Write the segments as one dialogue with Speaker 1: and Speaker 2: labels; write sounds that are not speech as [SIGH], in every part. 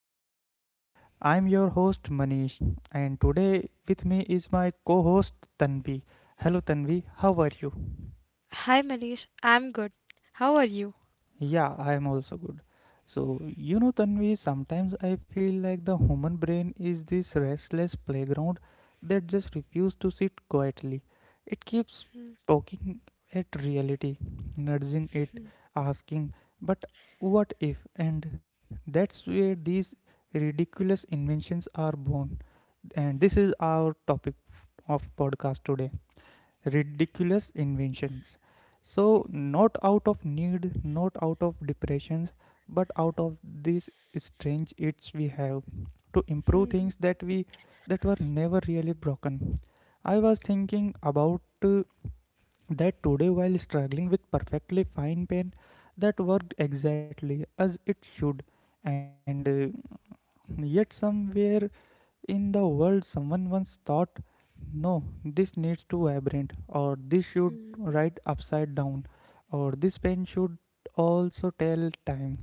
Speaker 1: everyone. I'm your host Manish and today with me is my co-host Tanvi. Hello Tanvi, how are you?
Speaker 2: Hi, Manish. I'm good. How are you?
Speaker 1: Yeah, I am also good. So, Tanvi, sometimes I feel like the human brain is this restless playground that just refuses to sit quietly. It keeps poking at reality, nudging it, asking, but what if? And that's where these ridiculous inventions are born. And this is our topic of podcast today, ridiculous inventions. So, not out of need, not out of depressions, but out of these strange itch we have to improve things
Speaker 2: [LAUGHS]
Speaker 1: that were never really broken. I was thinking about that today while struggling with perfectly fine pen that worked exactly as it should, and yet somewhere in the world, someone once thought, no, this needs to vibrate, or this should write upside down, or this pen should also tell time.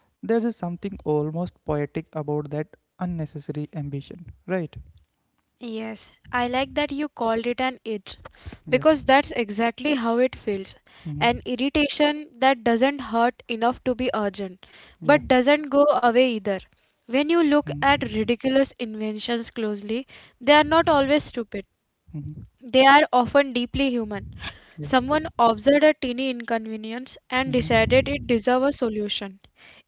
Speaker 1: There's a something almost poetic about that unnecessary ambition, right?
Speaker 2: Yes, I like that you called it an itch
Speaker 1: Yeah.
Speaker 2: because that's exactly how it feels. An
Speaker 1: Mm-hmm.
Speaker 2: irritation that doesn't hurt enough to be urgent, but
Speaker 1: Yeah.
Speaker 2: doesn't go away either. When you look
Speaker 1: Mm-hmm.
Speaker 2: at ridiculous inventions closely, they are not always stupid.
Speaker 1: Mm-hmm.
Speaker 2: They are often deeply human.
Speaker 1: Yeah.
Speaker 2: Someone observed a teeny inconvenience and decided it
Speaker 1: Mm-hmm.
Speaker 2: deserved a solution.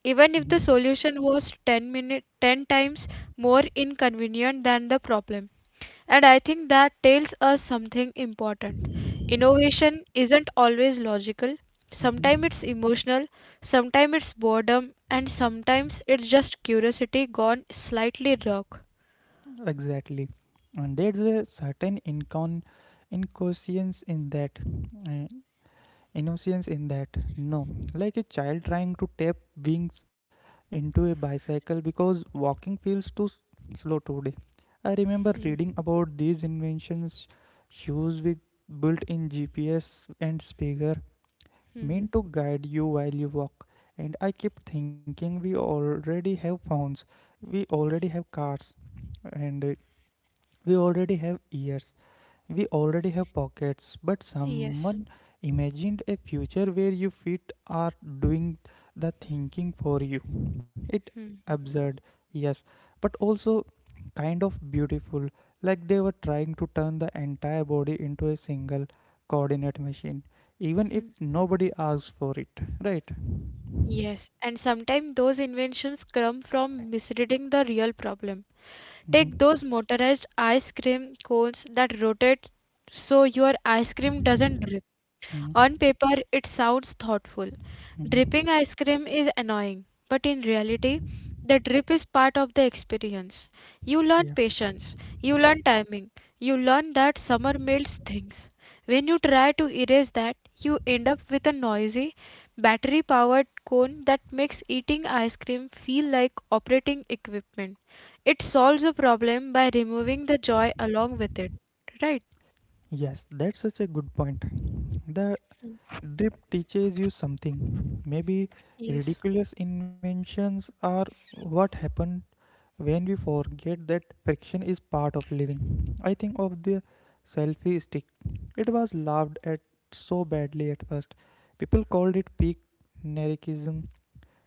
Speaker 2: Even
Speaker 1: Mm-hmm.
Speaker 2: if the solution was 10 times more inconvenient than the problem. And I think that tells us something important. Innovation isn't always logical. Sometimes it's
Speaker 1: Mm-hmm.
Speaker 2: emotional, sometimes it's boredom, and sometimes it's just curiosity gone slightly rogue.
Speaker 1: Exactly. And there's a certain inconscience in that. Uh, innocence in that, no, like a child trying to tap wings into a bicycle because walking feels too slow today. I remember
Speaker 2: Hmm,
Speaker 1: reading about these inventions, shoes with built-in GPS and speaker
Speaker 2: hmm, hmm.
Speaker 1: meant to guide you while you walk, and I kept thinking we already have phones, we already have cars, and we already have ears, we already have pockets, but
Speaker 2: Yes.
Speaker 1: someone imagined a future where your feet are doing the thinking for you. It absurd, yes, but also kind of beautiful, like they were trying to turn the entire body into a single coordinate machine, even if nobody asks for it, right?
Speaker 2: Yes, and sometimes those inventions come from misreading the real problem.
Speaker 1: Hmm.
Speaker 2: Take those motorized ice cream cones that rotate so your ice cream doesn't drip.
Speaker 1: Hmm.
Speaker 2: On paper, it sounds thoughtful.
Speaker 1: Hmm.
Speaker 2: Dripping ice cream is annoying, but in reality, the drip is part of the experience. You
Speaker 1: Yeah.
Speaker 2: learn patience, you learn timing, you learn that summer melts things. When you try to erase that, you end up with a noisy, battery powered cone that makes eating ice cream feel like operating equipment. It solves a problem by removing the joy along with it, right?
Speaker 1: Yes, that's such a good point. The drip teaches you something. Maybe
Speaker 2: Yes.
Speaker 1: ridiculous inventions are what happen when we forget that friction is part of living. I think of the selfie stick. It was laughed at so badly at first. People called it peak narcissism,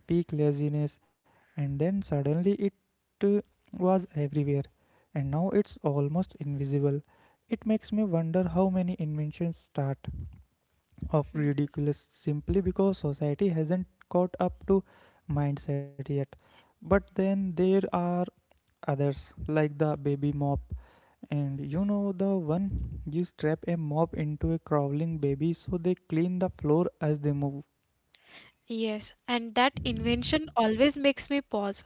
Speaker 1: peak laziness, and then suddenly it uh, was everywhere. And now it's almost invisible. It makes me wonder how many inventions start of ridiculous simply because society hasn't caught up to mindset yet. But then there are others like the baby mop, and you know the one, you strap a mop into a crawling baby so they clean the floor as they move.
Speaker 2: Yes, and that invention always makes me pause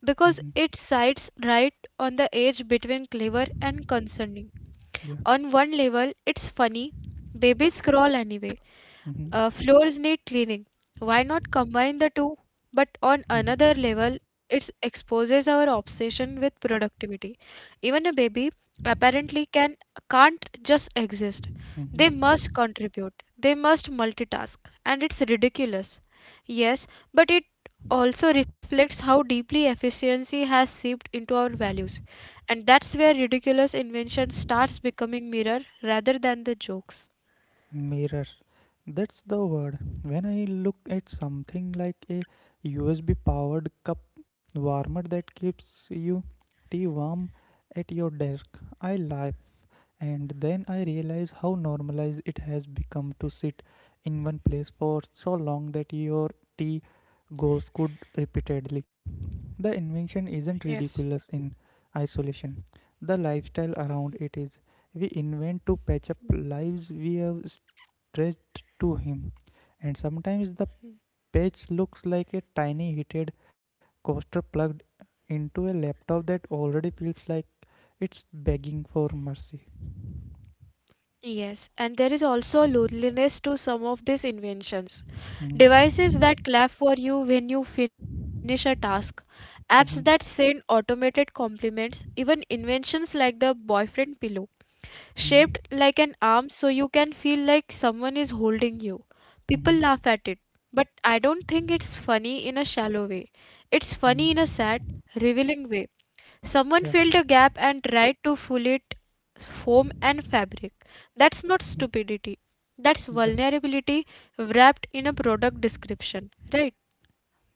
Speaker 1: Mhm.
Speaker 2: because it sides right on the edge between clever and concerning.
Speaker 1: Yeah.
Speaker 2: On one level, it's funny, babies crawl anyway,
Speaker 1: Mm-hmm.
Speaker 2: floors need cleaning. Why not combine the two? But on another
Speaker 1: Mm-hmm.
Speaker 2: level, it exposes our obsession with productivity. Even a baby apparently can't just exist. They must
Speaker 1: Mm-hmm.
Speaker 2: contribute. They must multitask, and it's ridiculous. Yes, but it also reflects how deeply efficiency has seeped into our values, and that's where ridiculous invention starts becoming mirror rather than the jokes.
Speaker 1: Mirror. That's the word. When I look at something like a USB powered cup warmer that keeps you tea warm at your desk, I laugh. And then I realize how normalized it has become to sit in one place for so long that your tea goes good repeatedly. The invention isn't
Speaker 2: Yes.
Speaker 1: ridiculous in isolation. The lifestyle around it is. We invent to patch up lives we have stretched to him, and sometimes the page looks like a tiny heated coaster plugged into a laptop that already feels like it's begging for mercy.
Speaker 2: Yes, and there is also a loneliness to some of these inventions. Devices
Speaker 1: Mhm,
Speaker 2: that clap for you when you finish a task, apps
Speaker 1: mhm,
Speaker 2: that send automated compliments, even inventions like the boyfriend pillow
Speaker 1: mhm,
Speaker 2: shaped like an arm so you can feel like someone is holding you. People
Speaker 1: mhm,
Speaker 2: laugh at it, but I don't think it's funny in a shallow way. It's funny in a
Speaker 1: mhm.
Speaker 2: sad, revealing way. Someone
Speaker 1: Yeah,
Speaker 2: filled a gap and tried to fill it foam and fabric. That's not
Speaker 1: mhm,
Speaker 2: stupidity. That's
Speaker 1: yeah.
Speaker 2: vulnerability wrapped in a product description, right?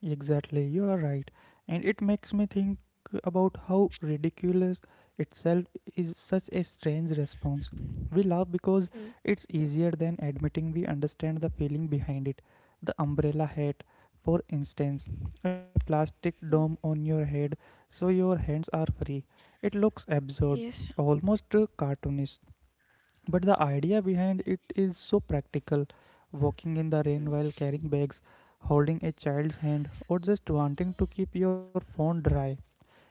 Speaker 1: Exactly, you are right. And it makes me think about how ridiculous itself is such a strange response. We laugh because
Speaker 2: Hmm.
Speaker 1: it's easier than admitting we understand the feeling behind it. The umbrella hat, for instance, a plastic dome on your head so your hands are free. It looks absurd,
Speaker 2: Yes,
Speaker 1: almost cartoonish. But the idea behind it is so practical, walking in the rain while carrying bags, holding a child's hand, or just wanting to keep your phone dry.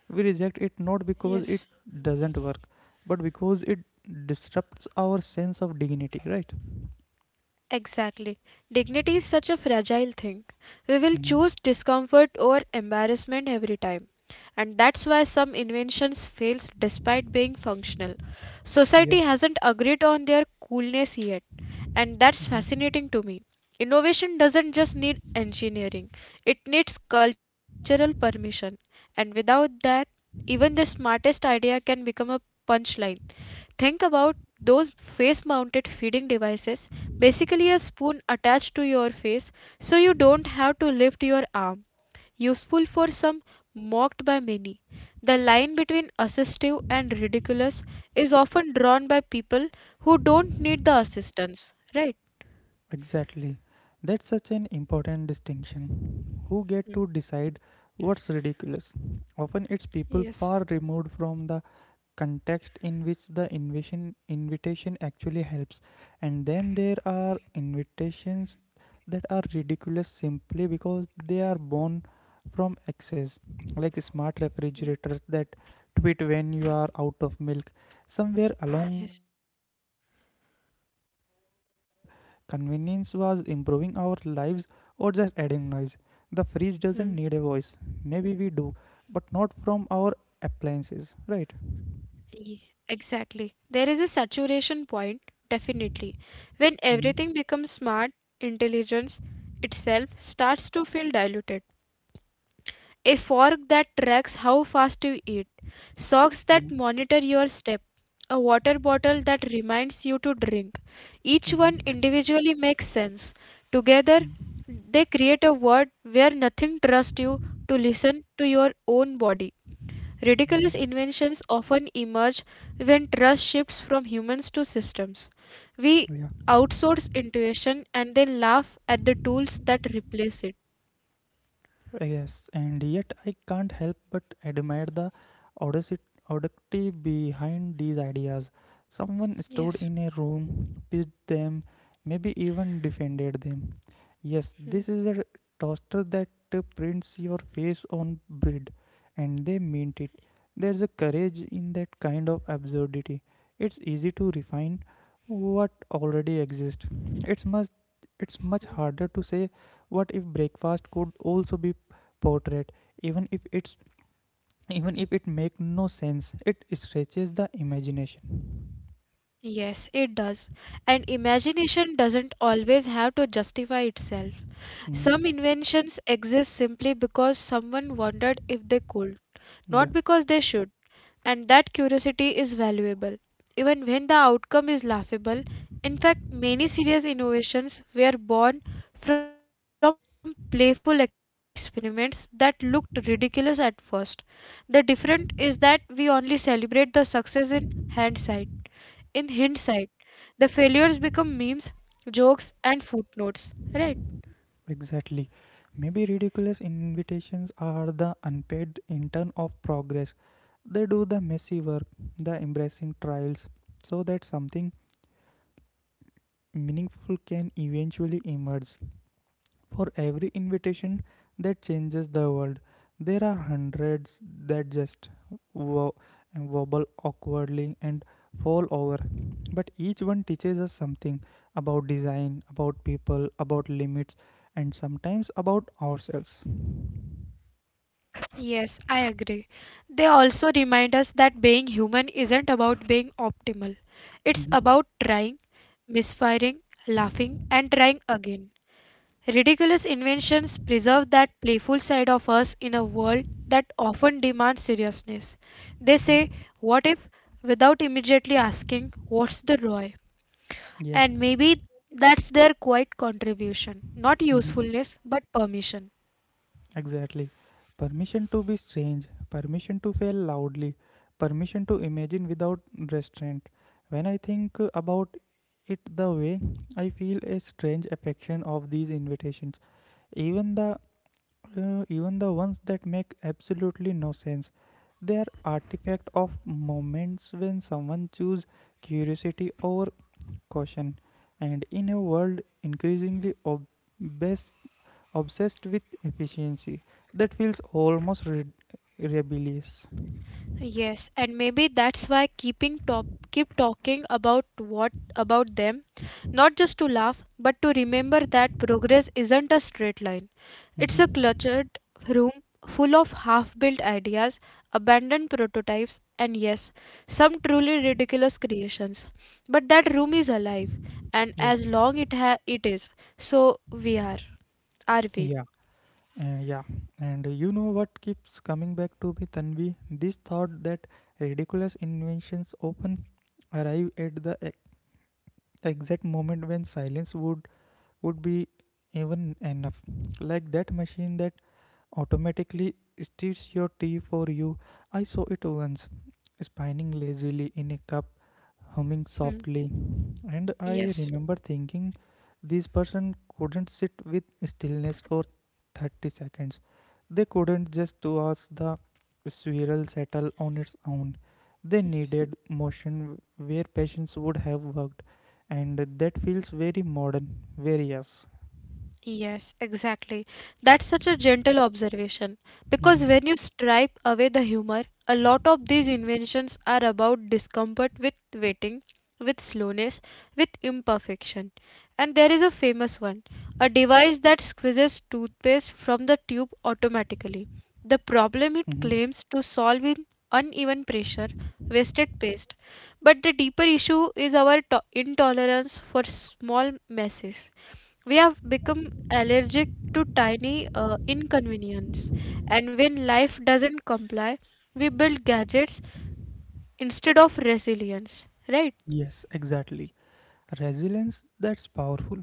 Speaker 1: We reject it not because
Speaker 2: yes.
Speaker 1: it doesn't work, but because it disrupts our sense of dignity, right?
Speaker 2: Exactly. Dignity is such a fragile thing. We will
Speaker 1: Hmm.
Speaker 2: choose discomfort over embarrassment every time. And that's why some inventions fail despite being functional.
Speaker 1: Yeah.
Speaker 2: Society hasn't agreed on their coolness yet. And that's
Speaker 1: Mhm.
Speaker 2: fascinating to me. Innovation doesn't just need engineering, it needs cultural permission. And without that, even the smartest idea can become a punchline. Think about those face mounted feeding devices, basically a spoon attached to your face so you don't have to lift your arm. Useful for some, mocked by many. The line between assistive and ridiculous is often drawn by people who don't need the assistance, right?
Speaker 1: Exactly. That's such an important distinction. Who get
Speaker 2: Mm.
Speaker 1: to decide what's ridiculous? Often it's people
Speaker 2: Yes.
Speaker 1: far removed from the context in which the invitation actually helps. And then there are invitations that are ridiculous simply because they are born from excess, like smart
Speaker 2: Mm.
Speaker 1: refrigerators that tweet when you are out of milk. Somewhere along the
Speaker 2: Yes.
Speaker 1: way we stopped asking whether convenience was improving our lives or just adding noise. The fridge doesn't need a voice,
Speaker 2: Mm.
Speaker 1: maybe we do, but not from our appliances, right?
Speaker 2: Ye- Exactly. There is a saturation point, definitely, when
Speaker 1: Mhm.
Speaker 2: everything becomes smart, intelligence itself starts to feel diluted. A fork that tracks how fast you eat, socks that
Speaker 1: Mhm.
Speaker 2: monitor your step, a water bottle that reminds you to drink. Each one
Speaker 1: Mhm.
Speaker 2: individually makes sense. Together,
Speaker 1: Mhm.
Speaker 2: they create a world where nothing trusts you to listen to your own body.
Speaker 1: Mhm.
Speaker 2: Ridiculous inventions often emerge when trust shifts from humans to systems. We
Speaker 1: Yeah.
Speaker 2: outsource intuition and then laugh at the tools that replace it.
Speaker 1: Yes, and yet I can't help but admire the audacity, audacity behind these ideas. Someone stood
Speaker 2: Yes.
Speaker 1: in a room, pitched them, maybe even defended them. Yes,
Speaker 2: Hmm.
Speaker 1: this is a toaster that prints your face on bread, and they meant it. There's a courage in that kind of absurdity. It's easy to refine what already exists. It's much, it's much harder to say what if breakfast could also be portrayed, even if it's even if it make no sense? It stretches the imagination.
Speaker 2: Yes, it does. And imagination doesn't always have to justify itself. Some
Speaker 1: Mhm.
Speaker 2: inventions exist simply because someone wondered if they could,
Speaker 1: Yeah,
Speaker 2: not because they should. And that curiosity is valuable, even when the outcome is laughable. In fact, many serious innovations were born from playful experiments that looked ridiculous at first. The difference is that we only celebrate the success in hindsight. In hindsight, the failures become memes, jokes, and footnotes, right?
Speaker 1: exactly. Maybe ridiculous invitations are the unpaid intern of progress. They do the messy work, the embarrassing trials, so that something meaningful can eventually emerge. For every invitation that changes the world, there are hundreds that just wo- wobble awkwardly and fall over. But each one teaches us something about design, about people, about limits, and sometimes about ourselves.
Speaker 2: Yes, I agree. They also remind us that being human isn't about being optimal. It's about
Speaker 1: Mhm.
Speaker 2: trying, misfiring, laughing, and trying again. Ridiculous inventions preserve that playful side of us in a world that often demands seriousness. They say,
Speaker 1: Mhm.
Speaker 2: what if? Without immediately asking, what's the ROI?
Speaker 1: Yeah.
Speaker 2: And maybe that's their quiet contribution. Not
Speaker 1: Mhm.
Speaker 2: usefulness, but permission.
Speaker 1: Exactly. Permission to be strange, permission to fail loudly, permission to imagine without restraint. When I think about it the way, I feel a strange affection of these invitations. Even the even the ones that make absolutely no sense. They are artifact of moments when someone choose curiosity over caution. And in a world increasingly obsessed with efficiency, that feels almost rebellious.
Speaker 2: Yes, and maybe that's why keep talking about what about them, not just to laugh, but to remember that progress isn't a straight line. It's a cluttered
Speaker 1: Mhm.
Speaker 2: room full of half-built ideas, abandoned prototypes, and yes, some truly ridiculous creations. But that room is alive, and
Speaker 1: Yeah.
Speaker 2: as long it is, so we are we?
Speaker 1: Yeah. Yeah. And you know what keeps coming back to me, Tanvi, this thought that ridiculous inventions often arrive at the exact moment when silence would be even enough. Like that machine that automatically steals your tea for you. I saw it once, spinning lazily in a cup, humming
Speaker 2: Hmm.
Speaker 1: softly. And I
Speaker 2: Yes.
Speaker 1: remember thinking, this person couldn't sit with stillness for 30 seconds. They couldn't just watch the swirl settle on its own. They needed motion where patience would have worked. And that feels very modern, very us.
Speaker 2: Yes, exactly. That's such a gentle observation because
Speaker 1: Mhm.
Speaker 2: when you stripe away the humor, a lot of these inventions are about discomfort with waiting, with slowness,
Speaker 1: Yeah.
Speaker 2: with imperfection. And there is a famous one, a device that squeezes toothpaste from the tube automatically. The problem
Speaker 1: Hmm.
Speaker 2: it claims to solve in uneven pressure, wasted paste. But the deeper issue is our intolerance for small messes. We have become allergic to tiny inconvenience, and when life doesn't comply, we build gadgets instead of resilience, right?
Speaker 1: Yes, exactly. Resilience, that's powerful.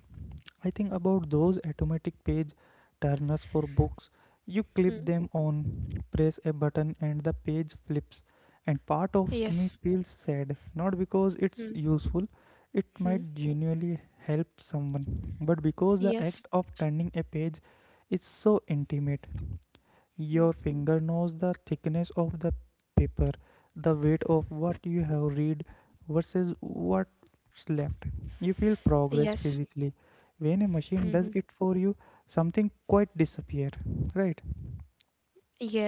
Speaker 1: I think about those automatic page turners for books. You clip
Speaker 2: Hmm.
Speaker 1: them on, press a button, and the page flips. And part of
Speaker 2: Yes.
Speaker 1: me feels sad, not because it's
Speaker 2: Hmm.
Speaker 1: useful, it might
Speaker 2: Hmm.
Speaker 1: genuinely help someone, but because the act of
Speaker 2: Yes.
Speaker 1: turning a page is so intimate. Your
Speaker 2: Hmm.
Speaker 1: finger knows the thickness of the paper, the weight of what you have read versus what's left. You feel progress
Speaker 2: Yes.
Speaker 1: physically. When a machine does
Speaker 2: Hmm.
Speaker 1: it for you, something quite disappear, right?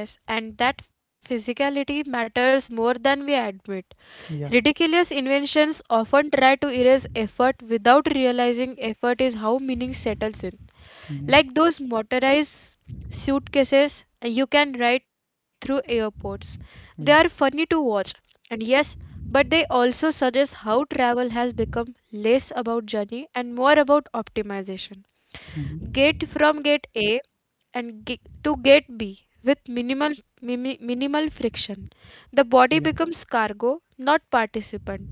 Speaker 2: Yes, and that physicality matters more than we admit.
Speaker 1: Yeah.
Speaker 2: Ridiculous inventions often try to erase effort without realizing effort is how meaning settles in.
Speaker 1: Hmm.
Speaker 2: Like those motorized suitcases you can ride through airports. They
Speaker 1: Yeah.
Speaker 2: are funny to watch, and yes, but they also suggest how travel has become less about journey and more about optimization.
Speaker 1: Hmm.
Speaker 2: Get from gate A and to gate B with minimal minimal friction. The body
Speaker 1: Yeah.
Speaker 2: becomes cargo, not participant.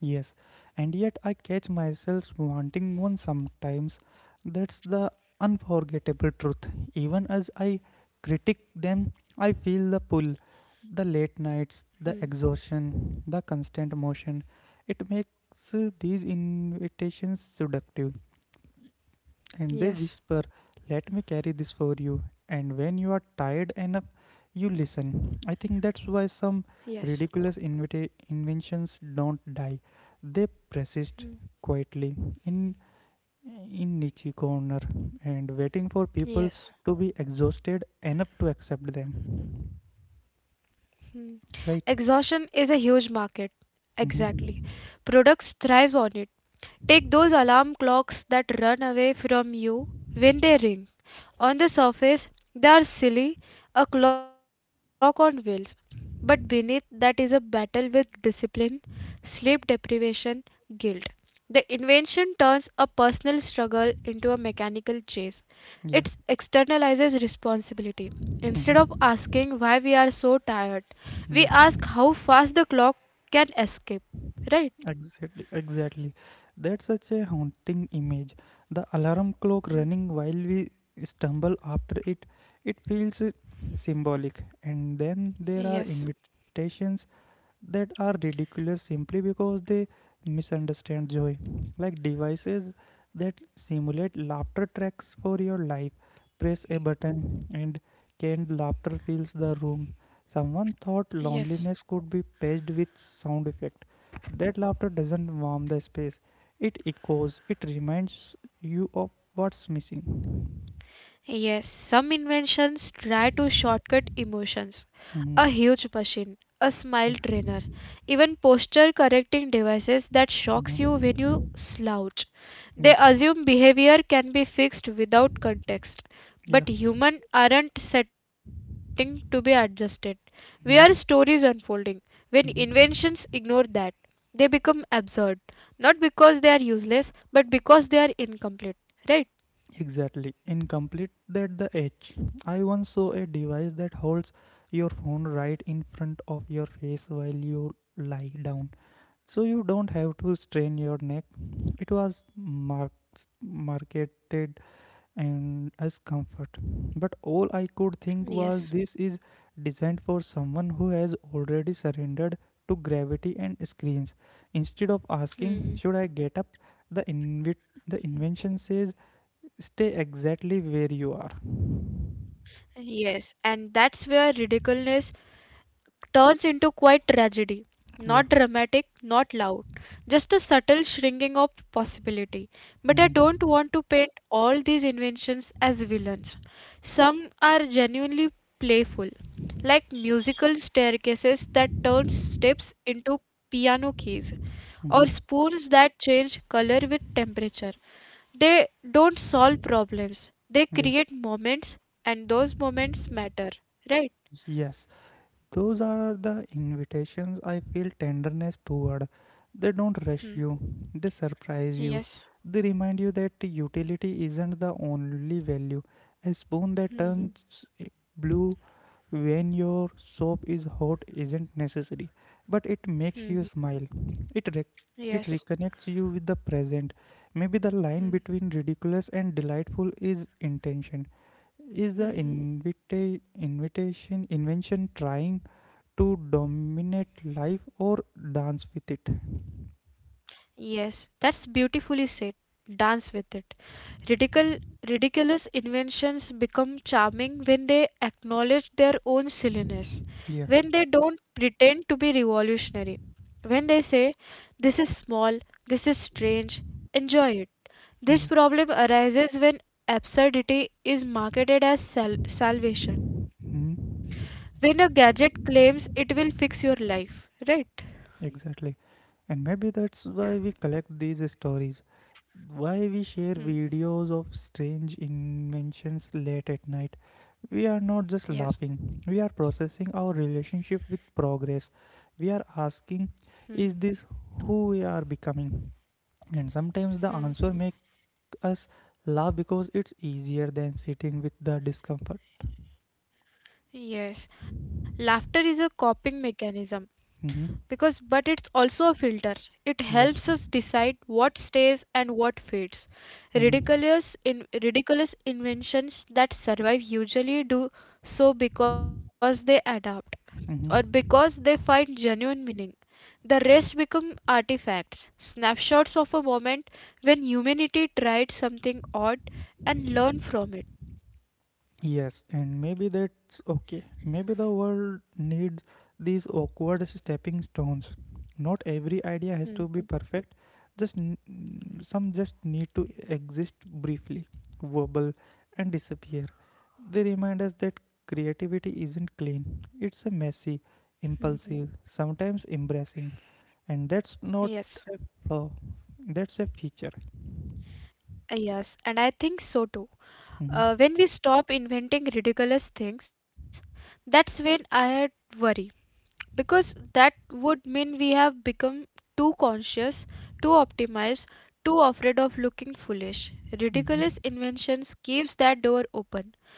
Speaker 1: Yes. And yet I catch myself wanting one sometimes. That's the unforgettable truth. Even as I critique them, I feel the pull. The late nights, the
Speaker 2: Hmm.
Speaker 1: exhaustion, the constant motion. It makes these invitations seductive, and they
Speaker 2: Yes.
Speaker 1: whisper, let me carry this for you. And when you are tired enough, you listen. I think that's why some
Speaker 2: Yes.
Speaker 1: ridiculous inventions don't die, they persist
Speaker 2: Hmm.
Speaker 1: quietly in in niche corner, and waiting for people
Speaker 2: Yes.
Speaker 1: to be exhausted enough to accept them,
Speaker 2: Hmm.
Speaker 1: right?
Speaker 2: Exhaustion is a huge market. Exactly.
Speaker 1: Mm-hmm.
Speaker 2: Products thrives on it. Take those alarm clocks that run away from you when they ring. On the surface, they are silly, a clock on wheels. But beneath that is a battle with discipline, sleep deprivation, guilt. The invention turns a personal struggle into a mechanical chase. It
Speaker 1: Yeah.
Speaker 2: externalizes responsibility. Instead of
Speaker 1: Mhm.
Speaker 2: asking why we are so tired, we
Speaker 1: Yeah,
Speaker 2: ask how fast the clock can escape. Right?
Speaker 1: exactly. That's such a haunting image. The alarm clock
Speaker 2: Mm.
Speaker 1: running while we stumble after it, it feels symbolic. And then there are
Speaker 2: Yes.
Speaker 1: invitations that are ridiculous simply because they misunderstand joy. Like devices that simulate laughter tracks for your life. Press a button and canned laughter fills the room. Someone thought
Speaker 2: Yes.
Speaker 1: loneliness could be paged with sound effect. That laughter doesn't warm the space. It echoes. It reminds you of what's missing.
Speaker 2: Yes, some inventions try to shortcut emotions. A
Speaker 1: Mhm.
Speaker 2: huge machine, a smile
Speaker 1: Yeah.
Speaker 2: trainer, even posture correcting devices that shocks you when
Speaker 1: Mhm.
Speaker 2: you slouch. They
Speaker 1: Yeah.
Speaker 2: assume behavior can be fixed without context.
Speaker 1: Yeah.
Speaker 2: But humans aren't setting to be adjusted. We are
Speaker 1: Mhm.
Speaker 2: stories unfolding. When
Speaker 1: Mhm.
Speaker 2: inventions ignore that, they become absurd. Not because they are useless, but because they are incomplete. Right?
Speaker 1: Exactly. Incomplete at the edge. I once saw a device that holds your phone right in front of your face while you lie down. So you don't have to strain your neck. It was marks marketed and as comfort. But all I could think was,
Speaker 2: Yes.
Speaker 1: this is designed for someone who has already surrendered to gravity and screens. Instead of asking,
Speaker 2: Hmm.
Speaker 1: should I get up? The invit the invention says stay exactly where you are.
Speaker 2: Yes, and that's where ridiculousness turns into quite tragedy. Not
Speaker 1: Yeah.
Speaker 2: dramatic, not loud, just a subtle shrinking of possibility. But I
Speaker 1: Hmm.
Speaker 2: don't want to paint all these inventions as villains. Some are genuinely playful, like musical staircases that turn steps into piano keys, or
Speaker 1: Hmm.
Speaker 2: spoons that change color with temperature. They don't solve problems, they
Speaker 1: Yeah.
Speaker 2: create moments, and those moments matter, right?
Speaker 1: Yes. Those are the invitations I feel tenderness toward. They don't rush
Speaker 2: Hmm.
Speaker 1: you, they surprise you.
Speaker 2: Yes.
Speaker 1: They remind you that utility isn't the only value. A spoon that
Speaker 2: Mhm.
Speaker 1: turns blue when your soap is hot isn't necessary, but it makes you smile. It rec- it
Speaker 2: Yes.
Speaker 1: reconnects you with the present. Maybe the line between ridiculous and delightful is intention. Is the
Speaker 2: Mhm.
Speaker 1: invita- invitation invention trying to dominate life or dance with it?
Speaker 2: Yes. That's beautifully said. Dance with it. Ridicul Ridiculous inventions become charming when they acknowledge their own silliness,
Speaker 1: Yeah.
Speaker 2: when they don't pretend to be revolutionary, when they say, this is small, this is strange, enjoy it. This
Speaker 1: Yeah.
Speaker 2: problem arises when absurdity is marketed as salvation,
Speaker 1: Hmm.
Speaker 2: when a gadget claims it will fix your life, right?
Speaker 1: Exactly. And maybe that's why we collect these stories, why we share
Speaker 2: Hmm.
Speaker 1: videos of strange inventions late at night. We are not just laughing,
Speaker 2: Yes.
Speaker 1: we are processing our relationship with progress. We are asking,
Speaker 2: Mhm,
Speaker 1: is this who we are becoming? And sometimes the answer
Speaker 2: mhm.
Speaker 1: make us laugh because it's easier than sitting with the discomfort.
Speaker 2: Yes, laughter is a coping mechanism
Speaker 1: Hmm.
Speaker 2: because, but it's also a filter. It
Speaker 1: Yeah.
Speaker 2: helps us decide what stays and what fades.
Speaker 1: Mm-hmm.
Speaker 2: Ridiculous inventions that survive usually do so because they adapt
Speaker 1: Mm-hmm.
Speaker 2: or because they find genuine meaning. The rest become artifacts, snapshots of a moment when humanity tried something odd and learned from it.
Speaker 1: Yes, and maybe that's okay. Maybe the world needs these awkward stepping stones. Not every idea has to be
Speaker 2: Mhm,
Speaker 1: perfect. Just some just need to exist briefly, verbal, and disappear. They remind us that creativity isn't clean. It's a messy,
Speaker 2: mhm.
Speaker 1: impulsive, sometimes embarrassing, and that's not
Speaker 2: Yes.
Speaker 1: a flaw. That's a feature.
Speaker 2: Yes, and I think so too.
Speaker 1: Mm-hmm.
Speaker 2: When we stop inventing ridiculous things, that's when I worry because that would mean we have become too conscious, too optimized, too afraid of looking foolish. Ridiculous
Speaker 1: Mm-hmm.
Speaker 2: inventions keeps that door open,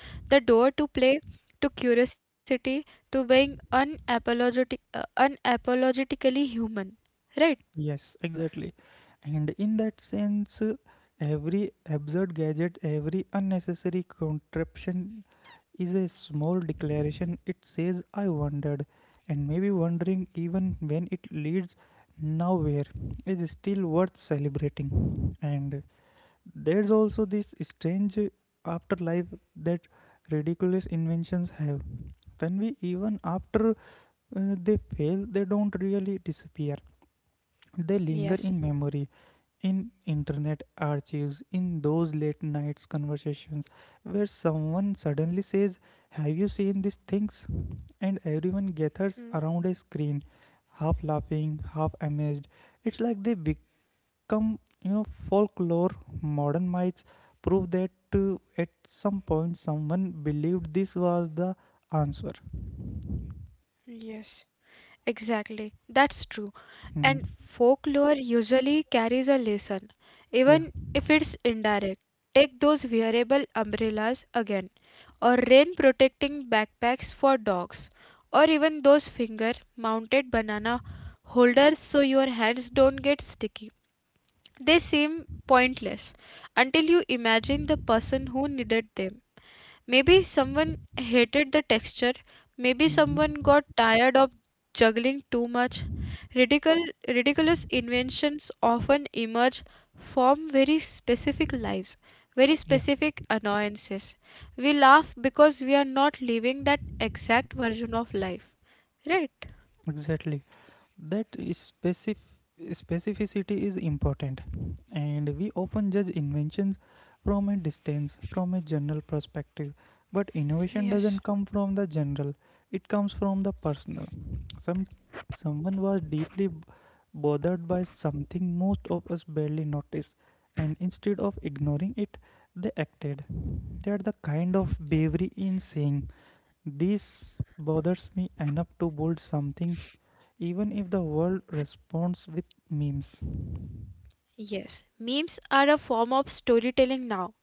Speaker 2: the door to play, to curiosity, to being unapologetically human. Right?
Speaker 1: Yes, exactly. And in that sense, every absurd gadget, every unnecessary contraption is a small declaration. It says, I wondered, and maybe wondering, even when it leads nowhere, is still worth celebrating. And there's also this strange afterlife that ridiculous inventions have. When we, even after they fail, they don't really disappear. They linger in
Speaker 2: Yes.
Speaker 1: memory, in internet archives, in those late nights conversations where someone suddenly says, have you seen these things? And everyone
Speaker 2: Mm.
Speaker 1: gathers around a screen, half laughing, half amazed. It's like they become, folklore, modern myths prove that at some point someone believed this was the answer.
Speaker 2: Yes. Exactly. That's true.
Speaker 1: Mhm.
Speaker 2: And folklore usually carries a lesson,
Speaker 1: Yeah.
Speaker 2: even if it's indirect. Take those wearable umbrellas again, or rain protecting backpacks for dogs, or even those finger mounted banana holders so your hands don't get sticky. They seem pointless until you imagine the person who needed them. Maybe someone hated the texture. Maybe someone
Speaker 1: Mhm.
Speaker 2: got tired of juggling too much. Ridiculous inventions often emerge from very specific lives, very
Speaker 1: Yeah,
Speaker 2: specific annoyances. We laugh because we are not living that exact version of life. Right?
Speaker 1: exactly. That is specificity is important, and we often judge inventions from a distance, from a general perspective, but innovation doesn't
Speaker 2: Yes.
Speaker 1: come from the general, it comes from the personal. some Someone was deeply bothered by something most of us barely notice, and instead of ignoring it, they acted. They are the kind of bravery in saying, this bothers me enough to build something, even if the world responds with memes.
Speaker 2: Yes, memes are a form of storytelling now.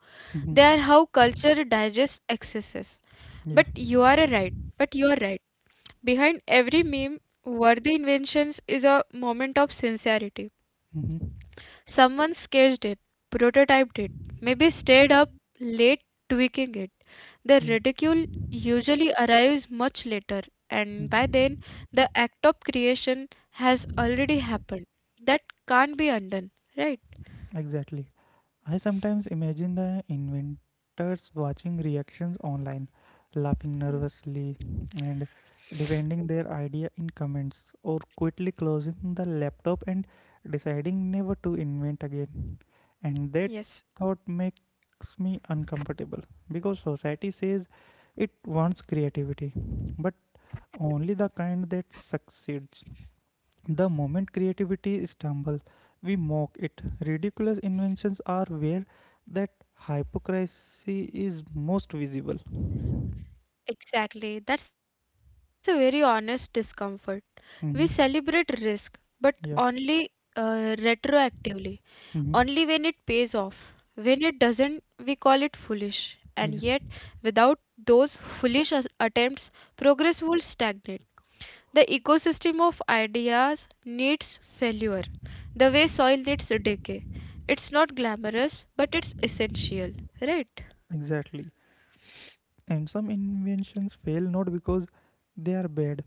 Speaker 2: They are
Speaker 1: Mhm.
Speaker 2: how culture digests excesses.
Speaker 1: Yeah.
Speaker 2: But you are right. Behind every meme worthy inventions is a moment of sincerity.
Speaker 1: Mhm.
Speaker 2: Someone sketched it, prototyped it, maybe stayed up late tweaking it. The
Speaker 1: Yeah.
Speaker 2: ridicule usually arrives much later, and by
Speaker 1: Mhm.
Speaker 2: then the act of creation has already happened. That can't be undone, right?
Speaker 1: Exactly. I sometimes imagine the inventors watching reactions online, laughing
Speaker 2: Mhm.
Speaker 1: nervously and defending their idea in comments, or quickly closing the laptop and deciding never to invent again. And that thought
Speaker 2: Yes.
Speaker 1: makes me uncomfortable because society says it wants creativity, but only the kind that succeeds. The moment creativity stumbles, we mock it. Ridiculous inventions are where that hypocrisy is most visible.
Speaker 2: Exactly. That's a very honest discomfort. We
Speaker 1: Hmm.
Speaker 2: celebrate risk, but
Speaker 1: Yeah.
Speaker 2: only retroactively.
Speaker 1: Hmm.
Speaker 2: Only when it pays off. When it doesn't, we call it foolish. And
Speaker 1: Yeah.
Speaker 2: yet, without those attempts, progress would stagnate. The ecosystem of ideas needs failure, the way soil needs decay. It's not glamorous, but it's essential, right?
Speaker 1: Exactly. And some inventions fail not because they are bad,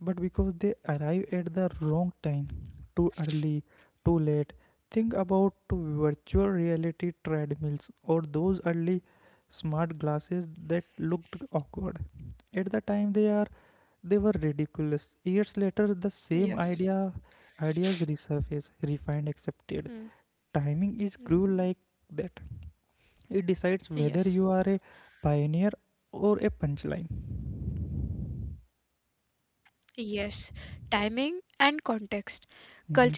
Speaker 1: but because they arrive at the wrong time, too early, too late. Think about to virtual reality treadmills or those early smart glasses that looked awkward at the time. They are they were ridiculous. Years later, the same
Speaker 2: Yes.
Speaker 1: ideas resurface, refined, accepted.
Speaker 2: Hmm.
Speaker 1: Timing is cruel like that. It decides whether you are
Speaker 2: Yes.
Speaker 1: a pioneer or a punchline.
Speaker 2: Yes. Timing and context. Culture has to be ready.
Speaker 1: Mhm.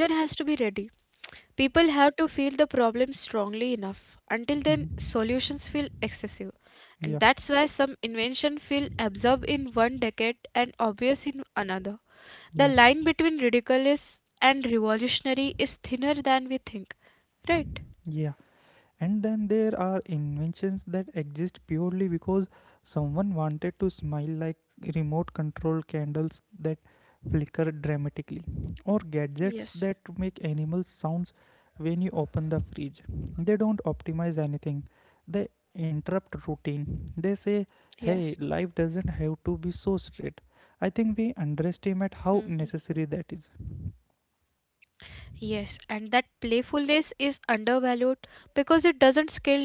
Speaker 2: People have to feel the problem strongly enough. Until then, solutions feel
Speaker 1: Mhm.
Speaker 2: excessive. And that's why some
Speaker 1: Yeah,
Speaker 2: inventions feel absorbed in one decade and obvious in another. The line
Speaker 1: yeah,
Speaker 2: between ridiculous and revolutionary is thinner than we think, right?
Speaker 1: yeah. And then there are inventions that exist purely because someone wanted to smile, like remote control candles that flicker dramatically, or gadgets that
Speaker 2: Yes,
Speaker 1: make animal sounds when you open the fridge. They don't optimize anything, they interrupt routine. They say, hey,
Speaker 2: yes.
Speaker 1: life doesn't have to be so straight. I think we
Speaker 2: Mhm.
Speaker 1: underestimate how necessary that is.
Speaker 2: Yes, and that playfulness is undervalued because it doesn't scale neatly.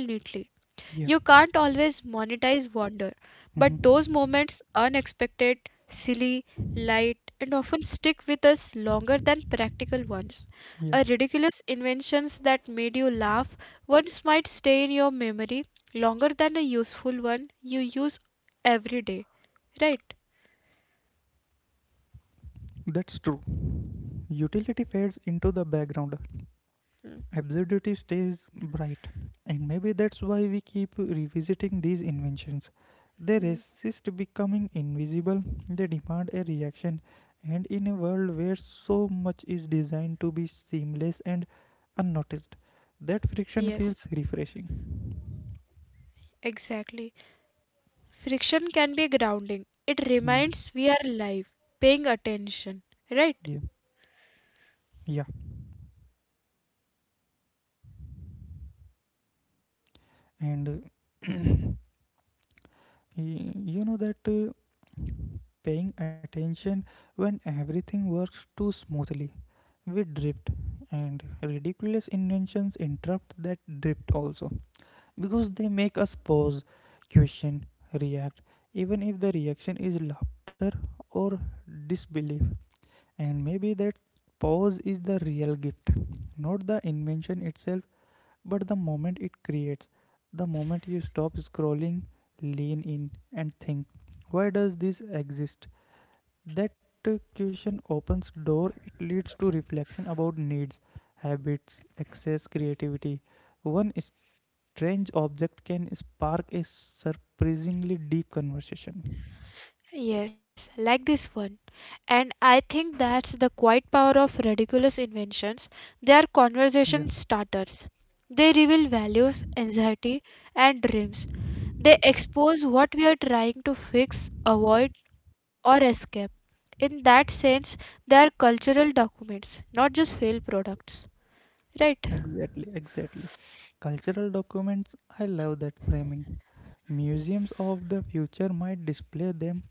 Speaker 2: You
Speaker 1: Yeah.
Speaker 2: can't always monetize wonder, but those moments,
Speaker 1: Mhm.
Speaker 2: unexpected, silly, light, and often stick with us longer than practical ones. A
Speaker 1: Yeah,
Speaker 2: ridiculous inventions that made you laugh once might stay in your memory longer than a useful one you use every day, right?
Speaker 1: that's true. Utility fades into the background. Absurdity stays bright, and maybe that's why we keep revisiting these inventions. They
Speaker 2: Hmm.
Speaker 1: resist becoming invisible, they demand a reaction, and in a world where so much is designed to be seamless and unnoticed, that friction
Speaker 2: Yes,
Speaker 1: feels refreshing.
Speaker 2: exactly. Friction can be grounding. It
Speaker 1: Hmm.
Speaker 2: reminds we are alive, paying attention, right?
Speaker 1: Yeah, yeah, and [CLEARS THROAT] y- you know that paying attention when everything works too smoothly, we drift, and ridiculous inventions interrupt that drift also because they make us pause, question, react, even if the reaction is laughter or disbelief. And maybe that pause is the real gift, not the invention itself, but the moment it creates. The moment you stop scrolling, lean in, and think, why does this exist? That question opens door. It leads to reflection about needs, habits, excess creativity. One strange object can spark a surprisingly deep conversation.
Speaker 2: Yes, like this one. And I think that's the quiet power of ridiculous inventions. They are
Speaker 1: Yeah.
Speaker 2: conversation starters. They reveal values, anxiety, and dreams. They expose what we are trying to fix, avoid, or escape. In that sense, they are cultural documents, not just failed products. Right?
Speaker 1: Exactly, exactly. Cultural documents, I love that framing. Museums of the future might display them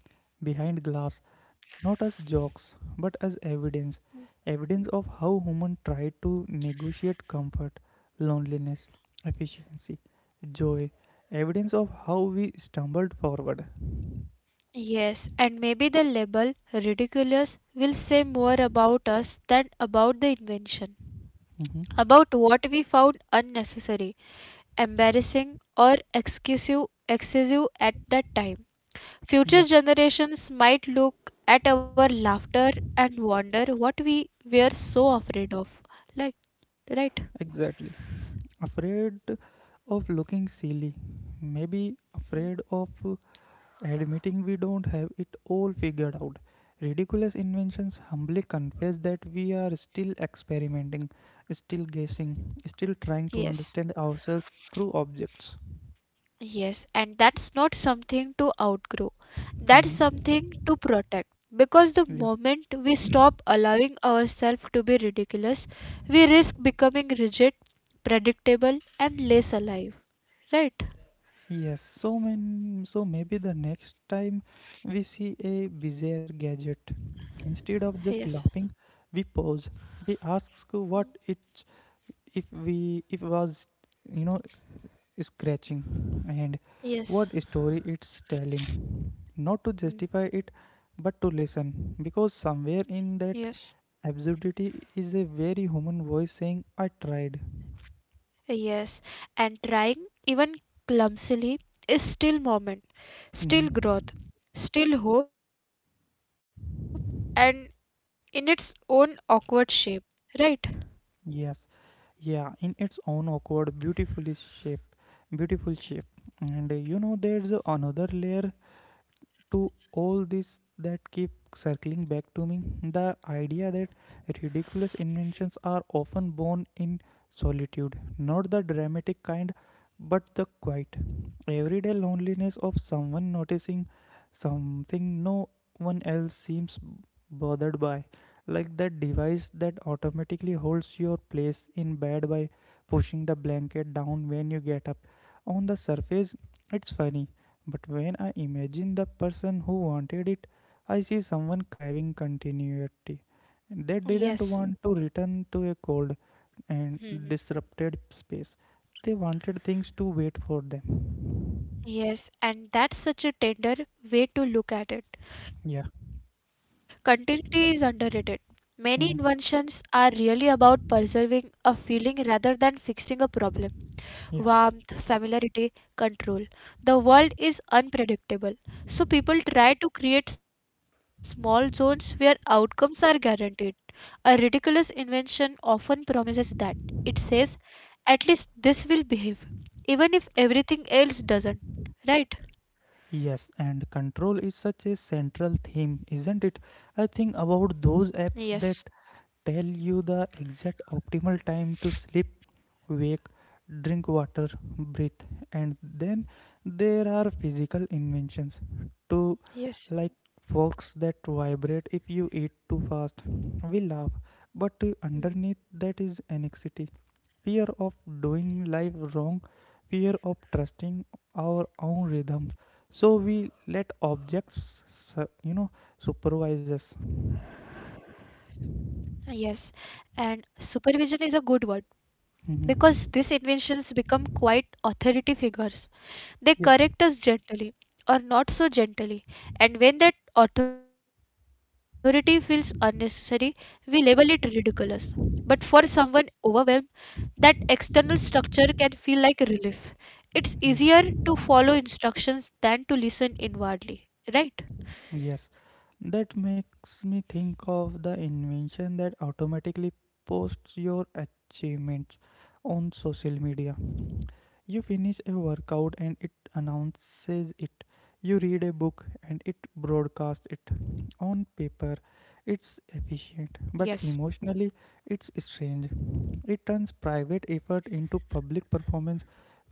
Speaker 1: behind glass, not as jokes, but as evidence. Evidence of how humans tried to negotiate comfort, loneliness, efficiency, joy. Evidence of how we stumbled forward.
Speaker 2: Yes, and maybe the label ridiculous will say more about us than about the invention.
Speaker 1: Mhm.
Speaker 2: About what we found unnecessary, embarrassing, or excessive at that time. Future
Speaker 1: Yeah,
Speaker 2: generations might look at our laughter and wonder what we were so afraid of. Like, right?
Speaker 1: exactly. Afraid of looking silly, maybe
Speaker 2: Mm.
Speaker 1: afraid of admitting we don't have it all figured out. Ridiculous inventions humbly confess that we are still experimenting, still guessing, still trying to
Speaker 2: Yes.
Speaker 1: understand ourselves through objects.
Speaker 2: Yes, and that's not something to outgrow. That's
Speaker 1: Mhm.
Speaker 2: something to protect. Because the
Speaker 1: Yeah.
Speaker 2: moment we
Speaker 1: [COUGHS]
Speaker 2: stop allowing ourselves to be ridiculous, we risk becoming rigid, predictable, and less alive. Right?
Speaker 1: Yes, so maybe the next time we see a bizarre gadget, instead of just
Speaker 2: Yes.
Speaker 1: laughing, we pause. We ask what it, if we, if was, you know scratching, and
Speaker 2: Yes.
Speaker 1: what story it's telling. Not to
Speaker 2: Mm.
Speaker 1: justify it, but to listen, because somewhere in
Speaker 2: Yes.
Speaker 1: that absurdity is a very human voice saying, I tried.
Speaker 2: Yes. And trying, even clumsily, is still moment, still growth,
Speaker 1: Mhm.
Speaker 2: still hope, and in its own awkward shape. Right?
Speaker 1: Yes, yeah, in its own awkward, beautiful shape. And there's another layer to all this that keep circling back to me, the idea that ridiculous inventions are often born in solitude, not the dramatic kind, but the quiet everyday loneliness of someone noticing something no one else seems bothered by, like that device that automatically holds your place in bed by pushing the blanket down when you get up. On the surface it's funny, but when I imagine the person who wanted it, I see someone craving continuity. They didn't want
Speaker 2: Yes.
Speaker 1: to return to a cold and
Speaker 2: Hmm.
Speaker 1: disrupted space. They wanted things to wait for them.
Speaker 2: Yes, and that's such a tender way to look at it.
Speaker 1: Yeah.
Speaker 2: Continuity is underrated. Many inventions
Speaker 1: Mhm.
Speaker 2: are really about preserving a feeling rather than fixing a problem,
Speaker 1: Yeah.
Speaker 2: warmth, familiarity, control. The world is unpredictable, so people try to create small zones where outcomes are guaranteed. A ridiculous invention often promises that. It says, at least this will behave, even if everything else doesn't. Right?
Speaker 1: Yes, and control is such a central theme, isn't it? I think about those
Speaker 2: Yes.
Speaker 1: apps that tell you the exact optimal time to sleep, wake, drink water, breathe, and then there are physical inventions to, like,
Speaker 2: Yes.
Speaker 1: forks that vibrate if you eat too fast. We laugh, but underneath that is anxiety, fear of doing life wrong, fear of trusting our own rhythms. So we let objects, supervise us.
Speaker 2: Yes. And supervision is a good word because
Speaker 1: Mhm.
Speaker 2: these inventions become quite authority figures.
Speaker 1: Yeah,
Speaker 2: They correct us gently or not so gently, and when that authority feels unnecessary, we label it ridiculous. But for someone overwhelmed, that external structure can feel like relief.
Speaker 1: yeah.
Speaker 2: It's easier to follow instructions than to listen inwardly, right?
Speaker 1: Yes, that makes me think of the invention that automatically posts your achievements on social media. You finish a workout and it announces it. You read a book and it broadcasts it. On paper, it's efficient,
Speaker 2: Yes.
Speaker 1: but emotionally, it's strange. It turns private effort into public performance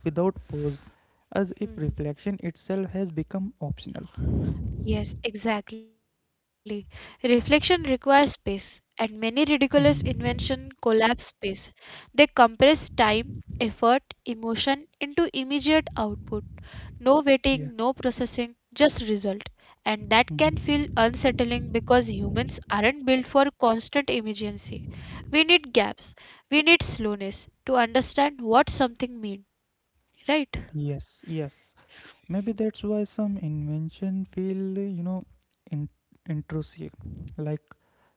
Speaker 1: without pause, as if reflection
Speaker 2: Mhm.
Speaker 1: itself has become optional.
Speaker 2: Yes, exactly. Reflection requires space, and many ridiculous
Speaker 1: Mhm.
Speaker 2: inventions collapse space. They compress time, effort, emotion into immediate output. No waiting, no processing, just result. And that can feel
Speaker 1: Mhm.
Speaker 2: unsettling because humans aren't built for constant emergency. We need gaps. We need slowness to understand what something means, right?
Speaker 1: Yes, yes. Maybe that's why some invention feel, in- intrusive, like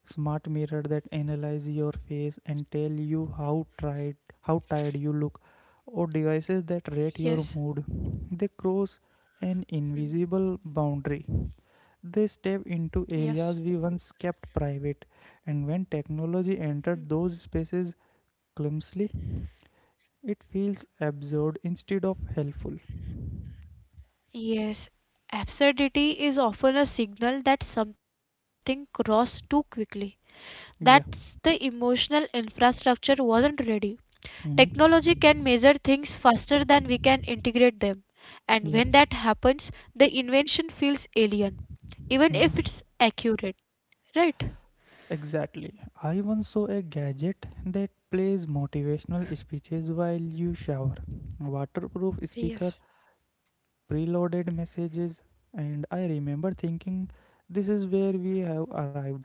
Speaker 1: smart mirror that analyze your face and tell you how tired tired you look, or devices that rate
Speaker 2: Yes.
Speaker 1: your mood. They cross an
Speaker 2: Hmm.
Speaker 1: invisible boundary. They step into areas we once kept private, and when technology entered those spaces clumsily, it feels absurd instead of helpful.
Speaker 2: Yes, absurdity is often a signal that something crossed too quickly, that the emotional infrastructure wasn't ready.
Speaker 1: Hmm.
Speaker 2: Technology can measure things faster than we can integrate them, and when
Speaker 1: Yeah.
Speaker 2: that happens, the invention feels alien, even if
Speaker 1: Hmm.
Speaker 2: it's accurate, right?
Speaker 1: Exactly. I once saw a gadget that plays motivational speeches while you shower, waterproof speaker,
Speaker 2: Yes,
Speaker 1: preloaded messages, and I remember thinking, this is where we have arrived.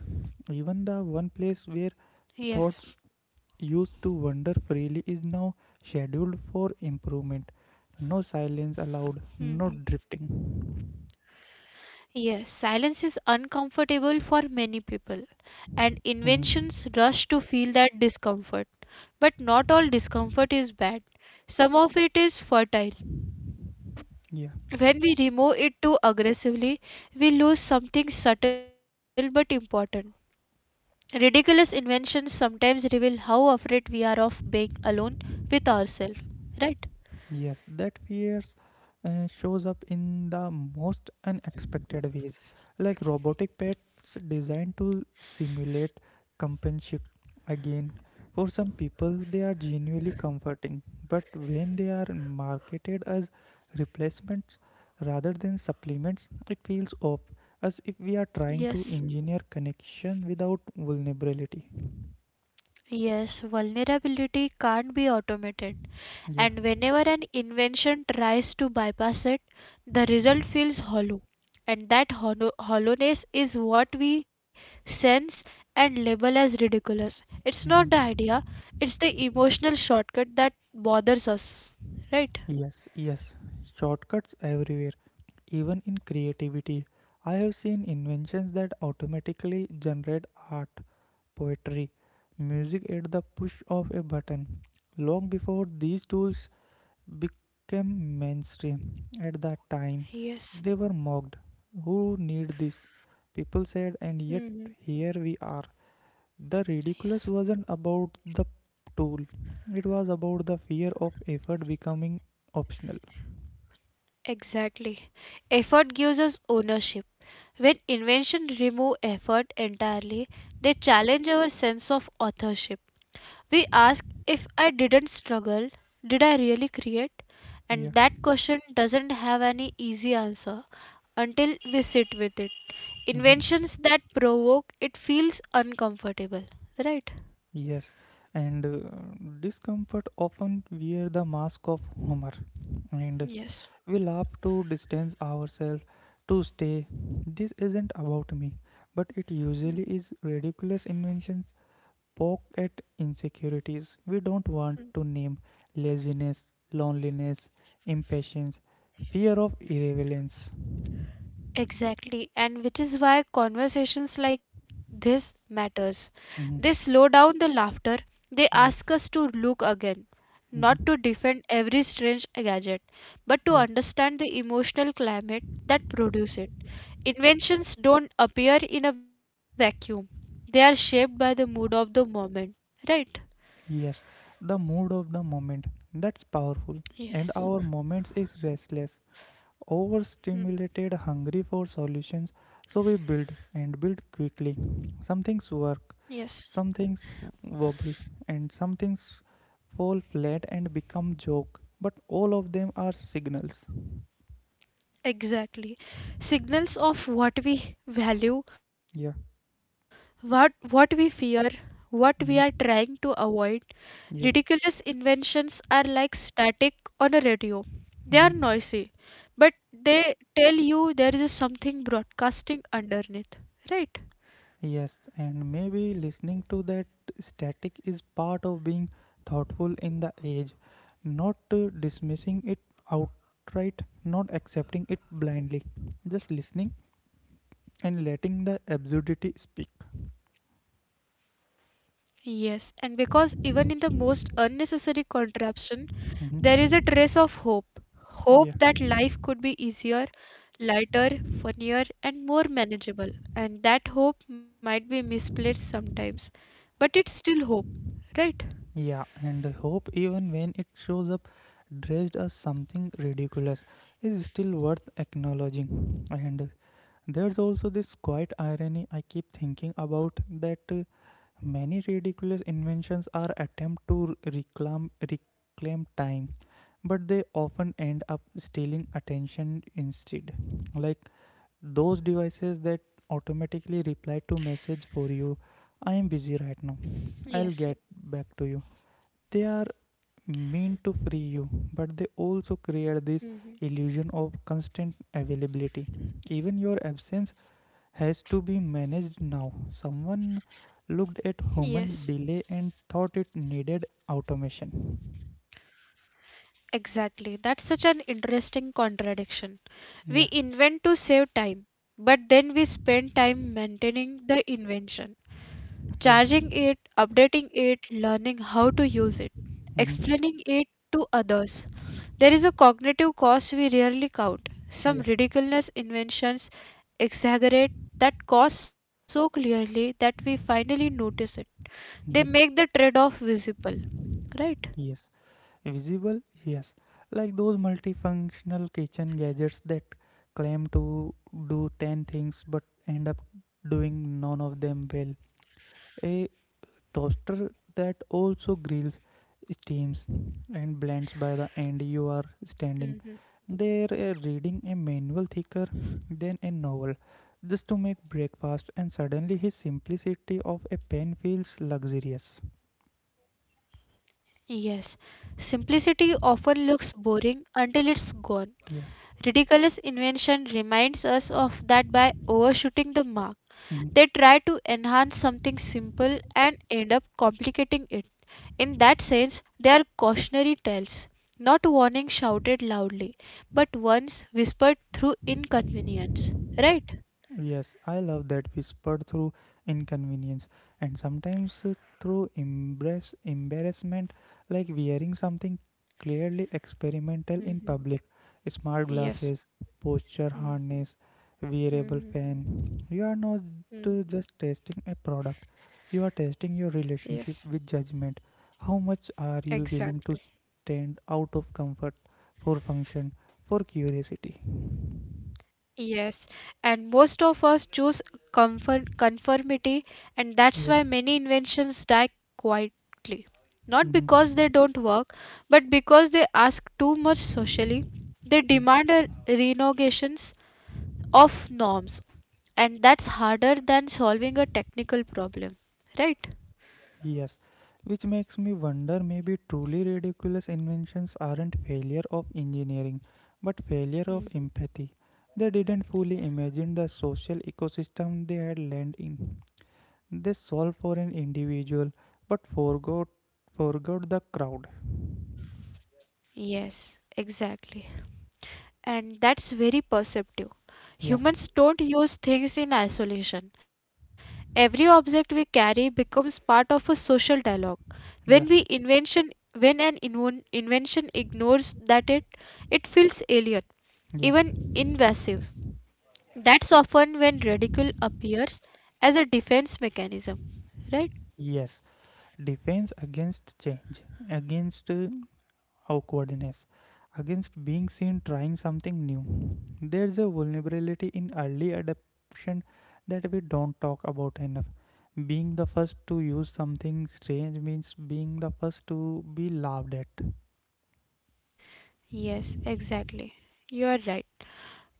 Speaker 1: Even the one place where
Speaker 2: yes.
Speaker 1: thoughts used to wander freely is now scheduled for improvement. No silence allowed,
Speaker 2: Hmm.
Speaker 1: no drifting.
Speaker 2: Yes, silence is uncomfortable for many people, and inventions
Speaker 1: Hmm.
Speaker 2: rush to feel that discomfort. But not all discomfort is bad, some of it is fertile.
Speaker 1: Yeah.
Speaker 2: When we remove it too aggressively, we lose something subtle but important. Ridiculous inventions sometimes reveal how afraid we are of being alone with ourselves, right?
Speaker 1: Yes, that fears shows up in the most unexpected ways, like robotic pets designed to simulate companionship. Again, for some people, they are genuinely comforting, but when they are marketed as replacements rather than supplements, it feels off, as if we are trying to
Speaker 2: Yes,
Speaker 1: engineer connection without vulnerability.
Speaker 2: yes, vulnerability can't be automated.
Speaker 1: Yeah.
Speaker 2: And whenever an invention tries to bypass it, the result feels hollow. And that hollowness is what we sense and label as ridiculous. It's not the idea,
Speaker 1: Mhm.
Speaker 2: it's the emotional shortcut that bothers us. Right?
Speaker 1: Yes, yes. Shortcuts everywhere. Even in creativity, I have seen inventions that automatically generate art, poetry, music at the push of a button. Long before these tools became mainstream, at that time
Speaker 2: Yes.
Speaker 1: they were mocked. Who need this? People said, and yet
Speaker 2: hmm
Speaker 1: here we are. The
Speaker 2: Yes.
Speaker 1: ridiculous wasn't about the tool, it was about the fear of effort becoming optional.
Speaker 2: Exactly. Effort gives us ownership. When inventions remove effort entirely, they challenge our sense of authorship. We ask, if I didn't struggle, did I really create? And
Speaker 1: Yeah.
Speaker 2: that question doesn't have any easy answer until we sit with it.
Speaker 1: Mhm.
Speaker 2: Inventions that provoke it feels uncomfortable, right?
Speaker 1: Yes, and discomfort often wear the mask of humor, and
Speaker 2: Yes.
Speaker 1: we laugh to distance ourselves, to stay. This isn't about me, but it usually is. Ridiculous inventions poke at insecurities we don't want to name: laziness, loneliness, impatience, fear of irrelevance.
Speaker 2: Exactly, and which is why conversations like this matters. They
Speaker 1: Mhm.
Speaker 2: slow down the laughter. They
Speaker 1: Yeah.
Speaker 2: ask us to look again, not to
Speaker 1: Mhm.
Speaker 2: defend every strange gadget, but to
Speaker 1: Yeah.
Speaker 2: understand the emotional climate that produce it. Inventions don't appear in a vacuum. They are shaped by the mood of the moment, right?
Speaker 1: Yes, the mood of the moment. That's powerful.
Speaker 2: Yes.
Speaker 1: And our moments is restless, overstimulated, hungry for solutions. So we build, and build quickly. Some things work,
Speaker 2: Yes.
Speaker 1: some things wobble, and some things fall flat and become joke. But all of them are signals.
Speaker 2: Exactly. Signals of what we value,
Speaker 1: Yeah.
Speaker 2: what we fear, what we are trying to avoid.
Speaker 1: Hmm.
Speaker 2: Ridiculous
Speaker 1: Yeah.
Speaker 2: inventions are like static on a radio. They are noisy,
Speaker 1: Hmm.
Speaker 2: but they tell you there is something broadcasting underneath, right?
Speaker 1: Yes, and maybe listening to that static is part of being thoughtful in the age, not dismissing it outright, not accepting it blindly, just listening and letting the absurdity speak.
Speaker 2: Yes, and because even in the most unnecessary contraption, there is a trace of hope.
Speaker 1: Mhm.
Speaker 2: Hope that life
Speaker 1: Yeah,
Speaker 2: could be easier, lighter, funnier, and more manageable. And that hope might be misplaced sometimes, but it's still hope, right?
Speaker 1: yeah, and hope, even when it shows up dressed as something ridiculous, is still worth acknowledging. And there's also this quiet irony I keep thinking about that. Many ridiculous inventions are attempts to reclaim time, but they often end up stealing attention instead. Like those devices that automatically reply to message for you. I am busy right now. I'll
Speaker 2: Yes.
Speaker 1: get back to you. They are meant to free you, but they also create this
Speaker 2: hmm
Speaker 1: illusion of constant availability. Even your absence has to be managed now. Someone looked at
Speaker 2: Yes,
Speaker 1: human delay and thought it needed automation.
Speaker 2: exactly. That's such an interesting contradiction. We
Speaker 1: Yeah,
Speaker 2: invent to save time, but then we spend time maintaining the invention,
Speaker 1: yeah,
Speaker 2: charging it, updating it, learning how to use it,
Speaker 1: mm-hmm.
Speaker 2: explaining it to others. There is a cognitive cost we rarely count.
Speaker 1: Yeah,
Speaker 2: Some ridiculous inventions exaggerate that cost so clearly that we finally notice it. They
Speaker 1: mm-hmm.
Speaker 2: make the trade off visible, right?
Speaker 1: Yes. Visible, yes. Like those multifunctional kitchen gadgets that claim to do 10 things but end up doing none of them well. A toaster that also grills, steams, and blends. By the end you are standing
Speaker 2: Mhm.
Speaker 1: there reading a manual thicker than a novel just to make breakfast, and suddenly his simplicity of a pen feels luxurious.
Speaker 2: Yes. Simplicity often looks boring until it's gone.
Speaker 1: Yeah.
Speaker 2: Ridiculous invention reminds us of that by overshooting the mark.
Speaker 1: Mhm.
Speaker 2: They try to enhance something simple and end up complicating it. In that sense, they are cautionary tales, not warnings shouted loudly, but ones whispered through inconvenience. Right?
Speaker 1: Yes, I love that whispered through inconvenience, and sometimes through embrace embarrassment, like wearing something clearly experimental in public: smart glasses, posture harness, wearable fan. You are not just testing a product, you are testing your relationship with judgment. How much are you willing to stand out of comfort, for function, for curiosity?
Speaker 2: Yes, and most of us choose comfort, conformity, and that's
Speaker 1: Yeah,
Speaker 2: why many inventions die quietly. Not because they
Speaker 1: mm-hmm.
Speaker 2: don't work, but because they ask too much socially. They demand a renegotiation of norms. And that's harder than solving a technical problem, right?
Speaker 1: Yes, which makes me wonder, maybe truly ridiculous inventions aren't failure of engineering, but failure of empathy. They didn't fully imagine the social ecosystem they had land in. They solved for an individual, but forgot the crowd.
Speaker 2: Yes, exactly. And that's very perceptive.
Speaker 1: Yeah,
Speaker 2: Humans don't use things in isolation. Every object we carry becomes part of a social dialogue.
Speaker 1: yeah,
Speaker 2: When we invention when an invention ignores that, it feels alien,
Speaker 1: yeah.
Speaker 2: even invasive. That's often when ridicule appears as a defense mechanism, right?
Speaker 1: Yes, defense against change, against awkwardness, against being seen trying something new. There's a vulnerability in early adoption that we don't talk about enough. Being the first to use something strange means being the first to be laughed at.
Speaker 2: Yes, exactly. You are right.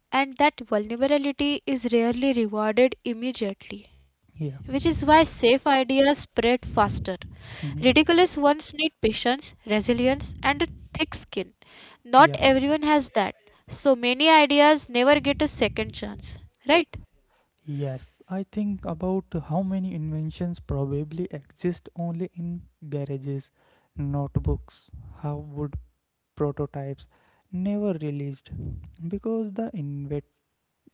Speaker 2: And that vulnerability is rarely rewarded immediately,
Speaker 1: Yeah.
Speaker 2: which is why safe ideas spread faster.
Speaker 1: Mhm.
Speaker 2: Ridiculous ones need patience, resilience, and a thick skin.
Speaker 1: Yeah.
Speaker 2: Not everyone has that, so many ideas never get a second chance, right?
Speaker 1: Yes. I think about how many inventions probably exist only in garages, notebooks, how would prototypes never released, because the inventor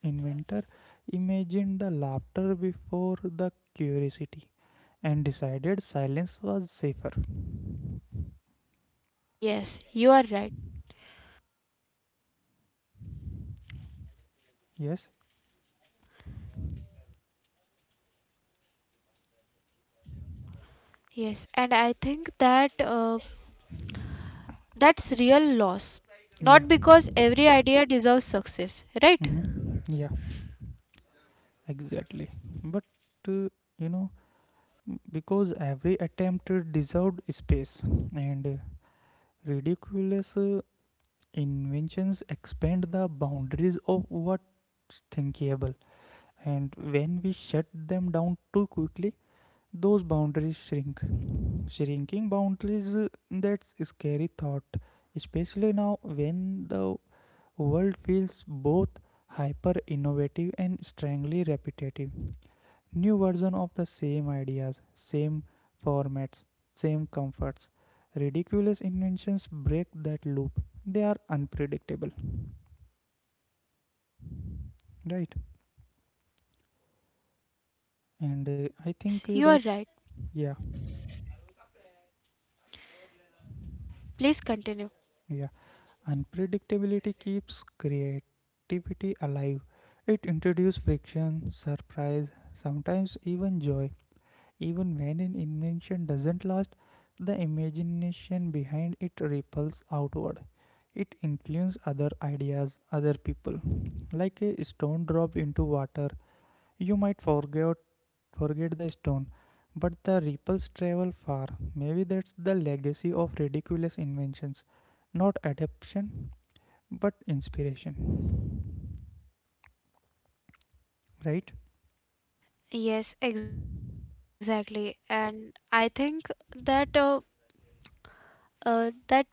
Speaker 1: inventor imagined the laughter before the curiosity and decided silence was safer.
Speaker 2: Yes, you are right.
Speaker 1: Yes,
Speaker 2: Yes, and I think that's real loss.
Speaker 1: yeah,
Speaker 2: Not because every idea deserves success, right?
Speaker 1: hmm, yeah, exactly. But uh, you know, because every attempt deserved space, and ridiculous inventions expand the boundaries of what's thinkable, and when we shut them down too quickly, those boundaries shrink. Shrinking boundaries, that's a scary thought, especially now, when the world feels both hyper innovative and strangely repetitive. New version of the same ideas, same formats, same comforts. Ridiculous inventions break that loop. They are unpredictable, right? And I
Speaker 2: Yes, you
Speaker 1: think
Speaker 2: are right.
Speaker 1: that, yeah,
Speaker 2: Please continue.
Speaker 1: yeah. Unpredictability keeps creativity alive. It introduces friction, surprise, sometimes even joy. Even when an invention doesn't last, the imagination behind it ripples outward. It influences other ideas, other people. Like a stone drop into water, you might forget the stone, but the ripples travel far. Maybe that's the legacy of ridiculous inventions, not adaptation but inspiration, right?
Speaker 2: Yes, exactly. And I think that uh, uh, that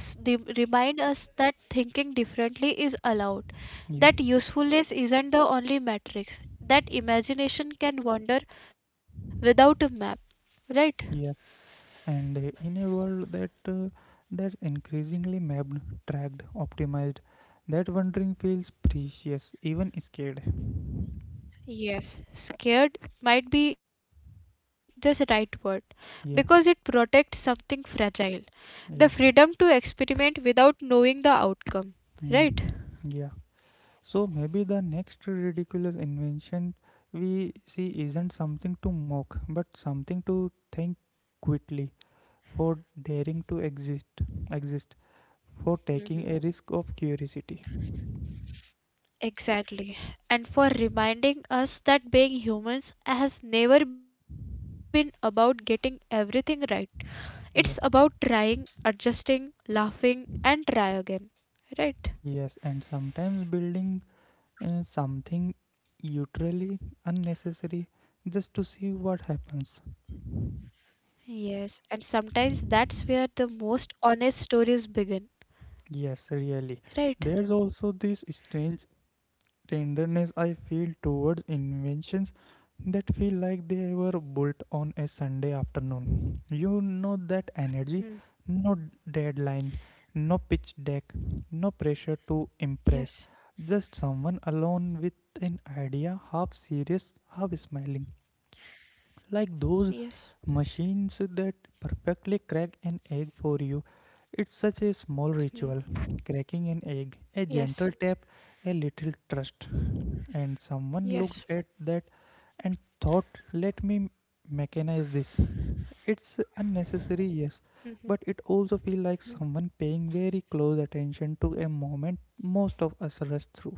Speaker 2: s- the- remind us that thinking differently is allowed,
Speaker 1: Yeah.
Speaker 2: that usefulness isn't the only matrix, that imagination can wander without a map, right?
Speaker 1: Yes, and in a world that that's increasingly mapped, tracked, optimized, that wondering feels precious, even scared.
Speaker 2: Yes, scared might be the right word
Speaker 1: Yeah,
Speaker 2: because it protects something fragile,
Speaker 1: yeah,
Speaker 2: the freedom to experiment without knowing the outcome,
Speaker 1: mm,
Speaker 2: right?
Speaker 1: yeah. So maybe the next ridiculous invention we see isn't something to mock, but something to think quickly, for daring to exist, for taking a risk of curiosity.
Speaker 2: Exactly. And for reminding us that being humans has never been about getting everything right. It's about
Speaker 1: Yeah.
Speaker 2: trying, adjusting, laughing, and try again. Right?
Speaker 1: Yes, and sometimes building something utterly unnecessary, just to see what happens.
Speaker 2: Yes. And sometimes that's where the most honest stories begin.
Speaker 1: Yes, really.
Speaker 2: Right?
Speaker 1: There's also this strange tenderness I feel towards inventions that feel like they were built on a Sunday afternoon. You know that
Speaker 2: Hmm.
Speaker 1: energy: no deadline, no pitch deck, no pressure to
Speaker 2: Yes.
Speaker 1: impress, just someone alone with an idea, half serious, half smiling. Like
Speaker 2: Yes.
Speaker 1: those machines that perfectly crack an egg for you. It's such a small ritual, cracking an egg, a gentle tap, a little trust. And someone looked at that and thought, let me mechanize this. It's unnecessary, yes, but it also feels like someone paying very close attention to a moment most of us rush through.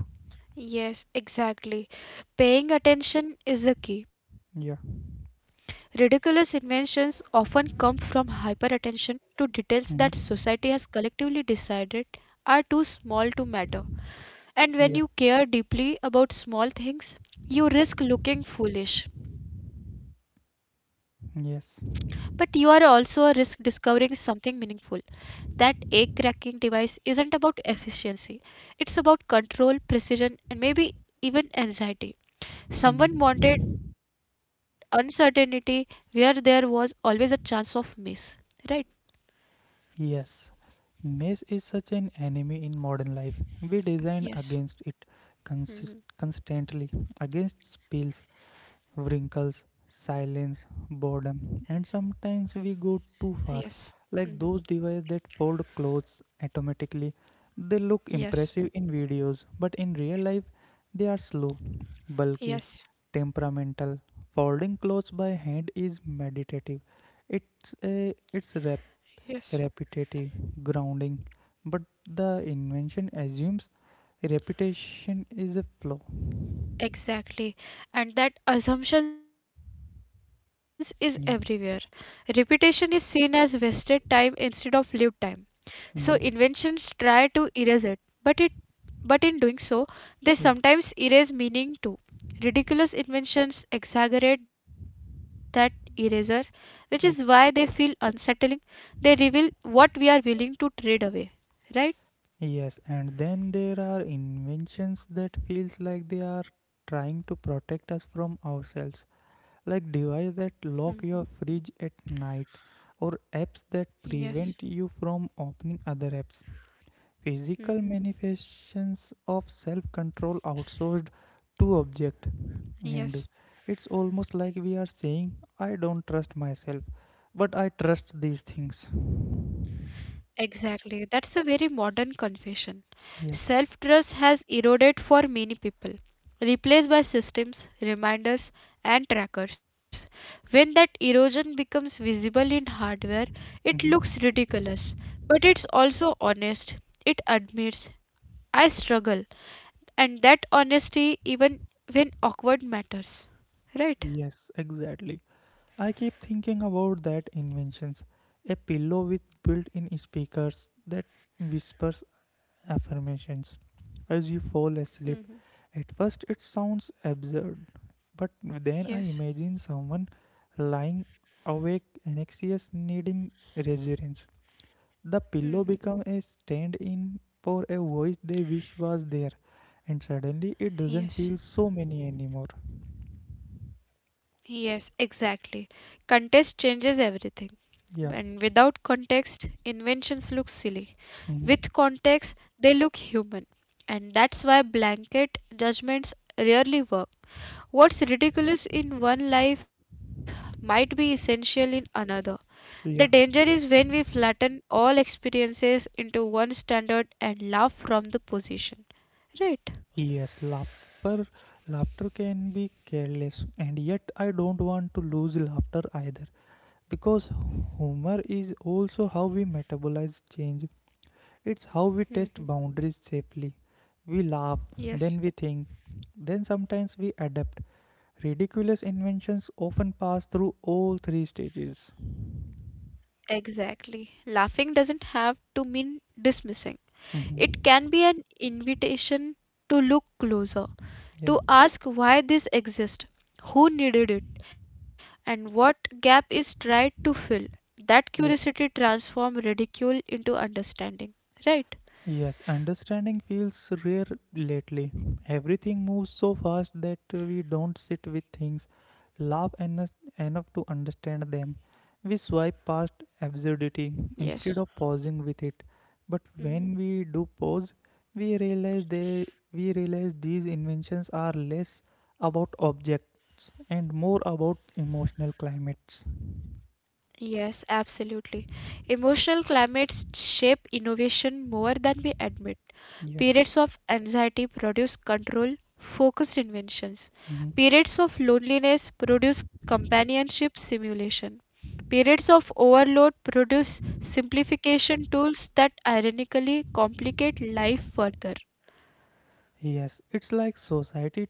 Speaker 2: Yes, exactly. Paying attention is the key.
Speaker 1: Yeah.
Speaker 2: Ridiculous inventions often come from hyperattention to details that
Speaker 1: Mhm.
Speaker 2: society has collectively decided are too small to matter. And when you
Speaker 1: Yeah.
Speaker 2: care deeply about small things, you risk looking foolish. But you are also a risk
Speaker 1: Yes.
Speaker 2: discovering something meaningful. That egg cracking device isn't about efficiency. It's about control, precision, and maybe even anxiety. Someone wanted
Speaker 1: Mhm.
Speaker 2: uncertainty where there was always a chance of miss. Right?
Speaker 1: Yes, mess is such an enemy in modern life. We design against it constantly, against spills, wrinkles, silence, boredom, and sometimes we go too far. Like those devices that fold clothes automatically, they look impressive in videos, but in real life, they are slow, bulky, temperamental. Folding clothes by hand is meditative. It's rapid, repetitive, grounding, but the invention assumes repetition is a flaw.
Speaker 2: Exactly. And that assumptions is everywhere.
Speaker 1: Yeah.
Speaker 2: Repetition is seen as wasted time instead of lived time. So inventions
Speaker 1: Mhm.
Speaker 2: try to erase it, but in doing so, they
Speaker 1: Yeah.
Speaker 2: sometimes erase meaning too. Ridiculous inventions exaggerate that eraser, which is why they feel
Speaker 1: Yeah.
Speaker 2: unsettling. They reveal what we are willing to trade away, right?
Speaker 1: Yes, and then there are inventions that feels like they are trying to protect us from ourselves, like device that lock your fridge at night, or apps that prevent you from opening other apps, physical manifestations of self control outsourced to object. And it's almost like we are saying, I don't trust myself, but I trust these things.
Speaker 2: Exactly, that's a very modern confession.
Speaker 1: Yeah.
Speaker 2: Self trust has eroded for many people, replaced by systems, reminders, and trackers. When that erosion becomes visible in hardware, it looks
Speaker 1: Mhm.
Speaker 2: ridiculous, but it's also honest. It admits, I struggle, and that honesty, even when awkward, matters. Right?
Speaker 1: Yes, exactly. I keep thinking about that inventions. A pillow with built in speakers that whispers affirmations as you fall asleep. At first, it sounds absurd, but then I imagine someone lying awake, anxious, needing reassurance. The pillow
Speaker 2: Hmm.
Speaker 1: becomes a stand in for a voice they wish was there, and suddenly it doesn't feel so many anymore.
Speaker 2: Yes, exactly. Context changes everything.
Speaker 1: Yeah.
Speaker 2: And without context, inventions look silly.
Speaker 1: Hmm.
Speaker 2: With context, they look human. And that's why blanket judgments rarely work. What's ridiculous in one life might be essential in another. The danger is
Speaker 1: Yeah.
Speaker 2: when we flatten all experiences into one standard and laugh from the position. Right.
Speaker 1: Yes, laughter can be careless, and yet I don't want to lose laughter either. Because humor is also how we metabolize change. It's how we test
Speaker 2: Mhm.
Speaker 1: boundaries safely. We laugh, then we think, then sometimes we adapt. Ridiculous inventions often pass through all three stages.
Speaker 2: Exactly. Laughing doesn't have to mean dismissing. It
Speaker 1: Mhm.
Speaker 2: can be an invitation to look closer,
Speaker 1: Yeah.
Speaker 2: to ask why this exists, who needed it, and what gap is tried to fill. That curiosity
Speaker 1: Yeah.
Speaker 2: transforms ridicule into understanding, right?
Speaker 1: Yes, understanding feels rare lately. Everything moves so fast that we don't sit with things, laugh enough, enough to understand them. We swipe past absurdity instead of pausing with
Speaker 2: Mm.
Speaker 1: it. But when we do pause, we realize they we realize these inventions are less about objects and more about emotional climates.
Speaker 2: Yes, absolutely. Emotional climates shape innovation more than we admit.
Speaker 1: Yeah.
Speaker 2: Periods of anxiety produce control, focused inventions.
Speaker 1: Mhm.
Speaker 2: Periods of loneliness produce companionship simulation. Periods of overload produce simplification tools that ironically complicate life further.
Speaker 1: Yes, it's like society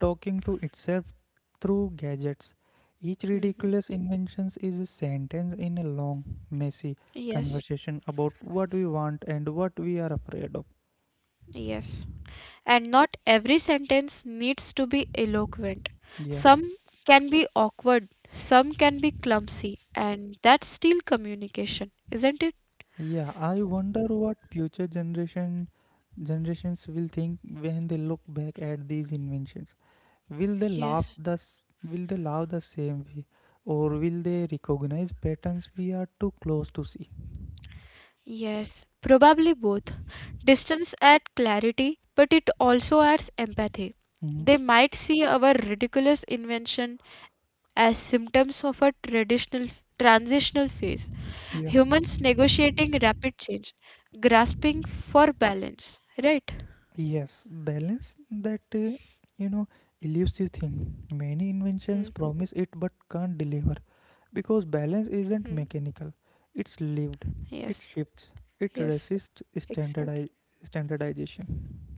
Speaker 1: talking to itself through gadgets. Each
Speaker 2: Mhm.
Speaker 1: ridiculous invention is a sentence in a long, messy conversation about what we want and what we are afraid of.
Speaker 2: And not every sentence needs to be eloquent.
Speaker 1: Yeah.
Speaker 2: Some can be awkward, some can be clumsy, and that's still communication, isn't it?
Speaker 1: Yeah, I wonder what future generation generations will think when they look back at these inventions. Will they laugh the same way, or will they recognize patterns we are too close to see?
Speaker 2: Yes, probably both. Distance adds clarity, but it also adds empathy. They
Speaker 1: Mhm.
Speaker 2: might see our ridiculous invention as symptoms of a traditional transitional phase.
Speaker 1: Yeah.
Speaker 2: Humans negotiating rapid change, grasping for balance, right?
Speaker 1: Yes, balance, that you know elusive thing. Many inventions promise it but can't deliver, because balance
Speaker 2: Hmm.
Speaker 1: isn't mechanical. It's lived. It shifts. It resists
Speaker 2: Exactly.
Speaker 1: standardize standardization.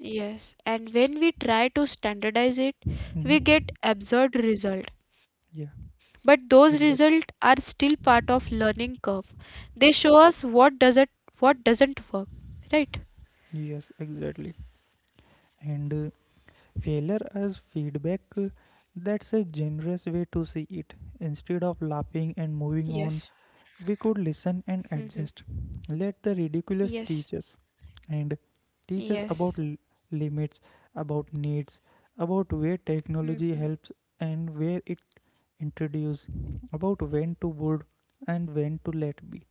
Speaker 2: Yes, and when we try to standardize it, we
Speaker 1: Mm-hmm.
Speaker 2: get absurd result.
Speaker 1: Yeah,
Speaker 2: But those
Speaker 1: exactly.
Speaker 2: results are still part of learning curve, they show us what doesn't work, right?
Speaker 1: Yes, exactly. And failure as feedback, that's a generous way to see it. Instead of laughing and moving on, we could listen and adjust.
Speaker 2: Mhm.
Speaker 1: Let the ridiculous teach us, and about limits, about needs, about where technology helps
Speaker 2: Mhm.
Speaker 1: and where it introduces, about when to build and when to let be.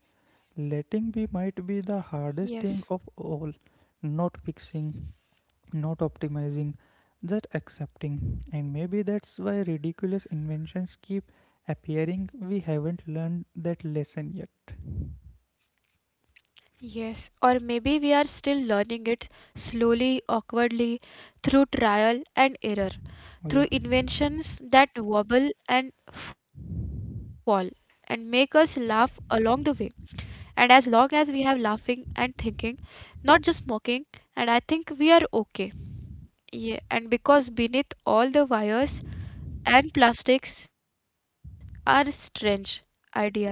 Speaker 1: Letting be might be the hardest thing of all. Not fixing, not optimizing, just accepting. And maybe that's why ridiculous inventions keep appearing. We haven't learned that lesson yet.
Speaker 2: Yes, or maybe we are still learning it slowly, awkwardly, through trial and error,
Speaker 1: Oh, yeah.
Speaker 2: through inventions that wobble and fall and make us laugh along the way. And as long as we have laughing and thinking, not just mocking, and I think we are okay. Yeah, and because beneath all the wires and plastics are strange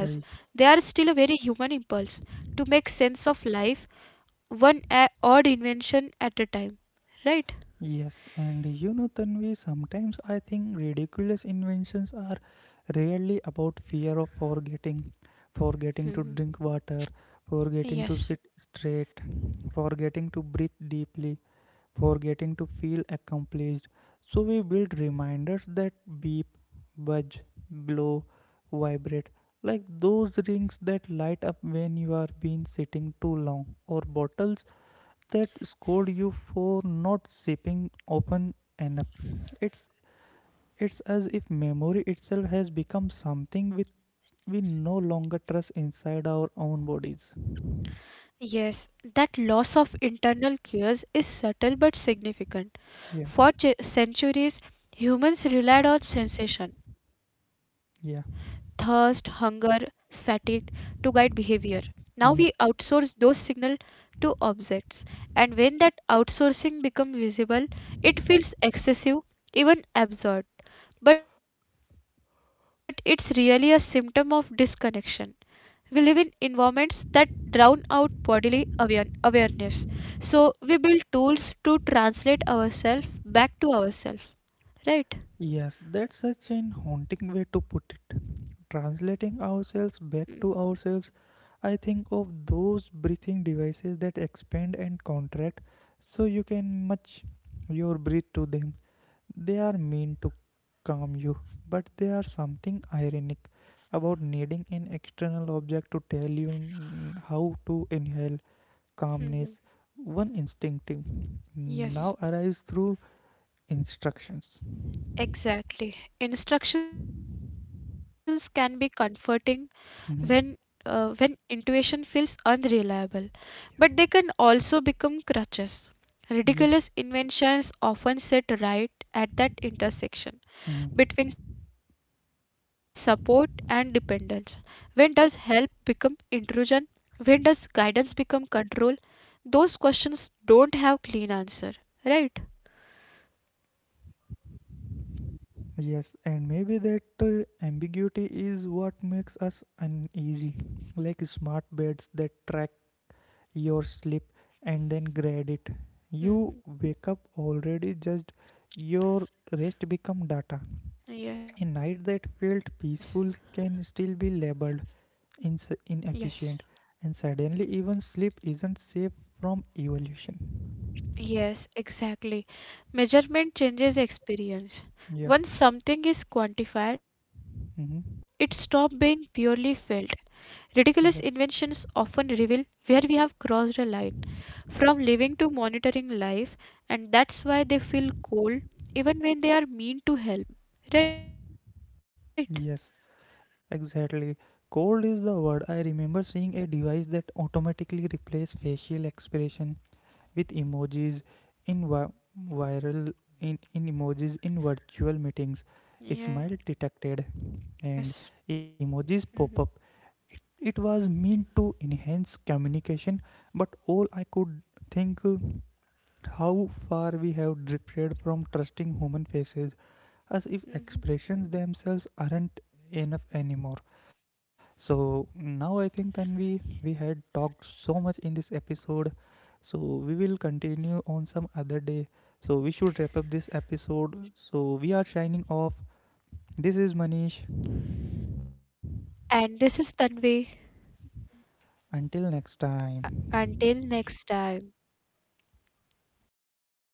Speaker 1: Y-
Speaker 2: they are still a very human impulse to make sense of life, odd invention at a time,
Speaker 1: Yes,
Speaker 2: right?
Speaker 1: and you know, Tanvi, sometimes I think ridiculous inventions are rarely about fear of forgetting: forgetting to drink
Speaker 2: Mhm.
Speaker 1: water, forgetting to sit straight, forgetting to breathe deeply, forgetting to feel accomplished. So we build reminders that beep, budge, glow, vibrate, like those rings that light up when you are been sitting too long, or bottles that scold you for not sipping open enough. It's it's as if memory itself has become something with we no longer trust inside our own bodies.
Speaker 2: Yes, that loss of internal cues is subtle but
Speaker 1: Yeah,
Speaker 2: significant. For centuries, humans relied on sensation,
Speaker 1: yeah.
Speaker 2: thirst, hunger, fatigue to guide behavior. Now we
Speaker 1: Mm.
Speaker 2: outsource those signals to objects, and when that outsourcing becomes visible, it feels excessive, even absurd. But it's really a symptom of disconnection. We live in environments that drown out bodily awareness. So we build tools to translate ourselves back to ourselves. Right?
Speaker 1: Yes, that's such an haunting way to put it. Translating ourselves back to ourselves, I think of those breathing devices that expand and contract so you can match your breath to them. They are meant to calm you, but they are something ironic about needing an external object to tell you how to inhale calmness.
Speaker 2: Mhm.
Speaker 1: One instinctive now arrives through instructions.
Speaker 2: Exactly. Instructions can be comforting when
Speaker 1: Mhm.
Speaker 2: when intuition feels unreliable,
Speaker 1: Yeah.
Speaker 2: but they can also become crutches.
Speaker 1: Yeah.
Speaker 2: Ridiculous inventions often sit right at that intersection
Speaker 1: Mhm.
Speaker 2: between support and dependence. When does help become intrusion? When does guidance become control? Those questions don't have clean answer, right?
Speaker 1: Yes, and maybe that ambiguity is what makes us uneasy, like smart beds that track your sleep and then grade it. You wake up already judged, your rest become data. A night that felt peaceful can still be labeled inefficient, and suddenly even sleep isn't safe from evolution.
Speaker 2: Yes, exactly. Measurement changes experience.
Speaker 1: Yeah.
Speaker 2: Once something is quantified, it stops
Speaker 1: Hmm.
Speaker 2: being purely felt. Ridiculous inventions
Speaker 1: Yeah.
Speaker 2: often reveal where we have crossed a line from living to monitoring life, and that's why they feel cold even when they are mean to help. Right?
Speaker 1: Yes. Exactly. Cold is the word. I remember seeing a device that automatically replaced facial expression with emojis in vi- viral in emojis in virtual meetings, a smile detected and
Speaker 2: Mhm.
Speaker 1: emojis pop up. It it was meant to enhance communication, but all I could think, how far we have drifted from trusting human faces, as if
Speaker 2: Mhm.
Speaker 1: expressions themselves aren't enough anymore. So now I think then we had talked so much in this episode. So we will continue on some other day. So we should wrap up this episode. So we are shining off. This is Manish.
Speaker 2: And this is Tanvi.
Speaker 1: Until next
Speaker 2: Until next time.
Speaker 1: time.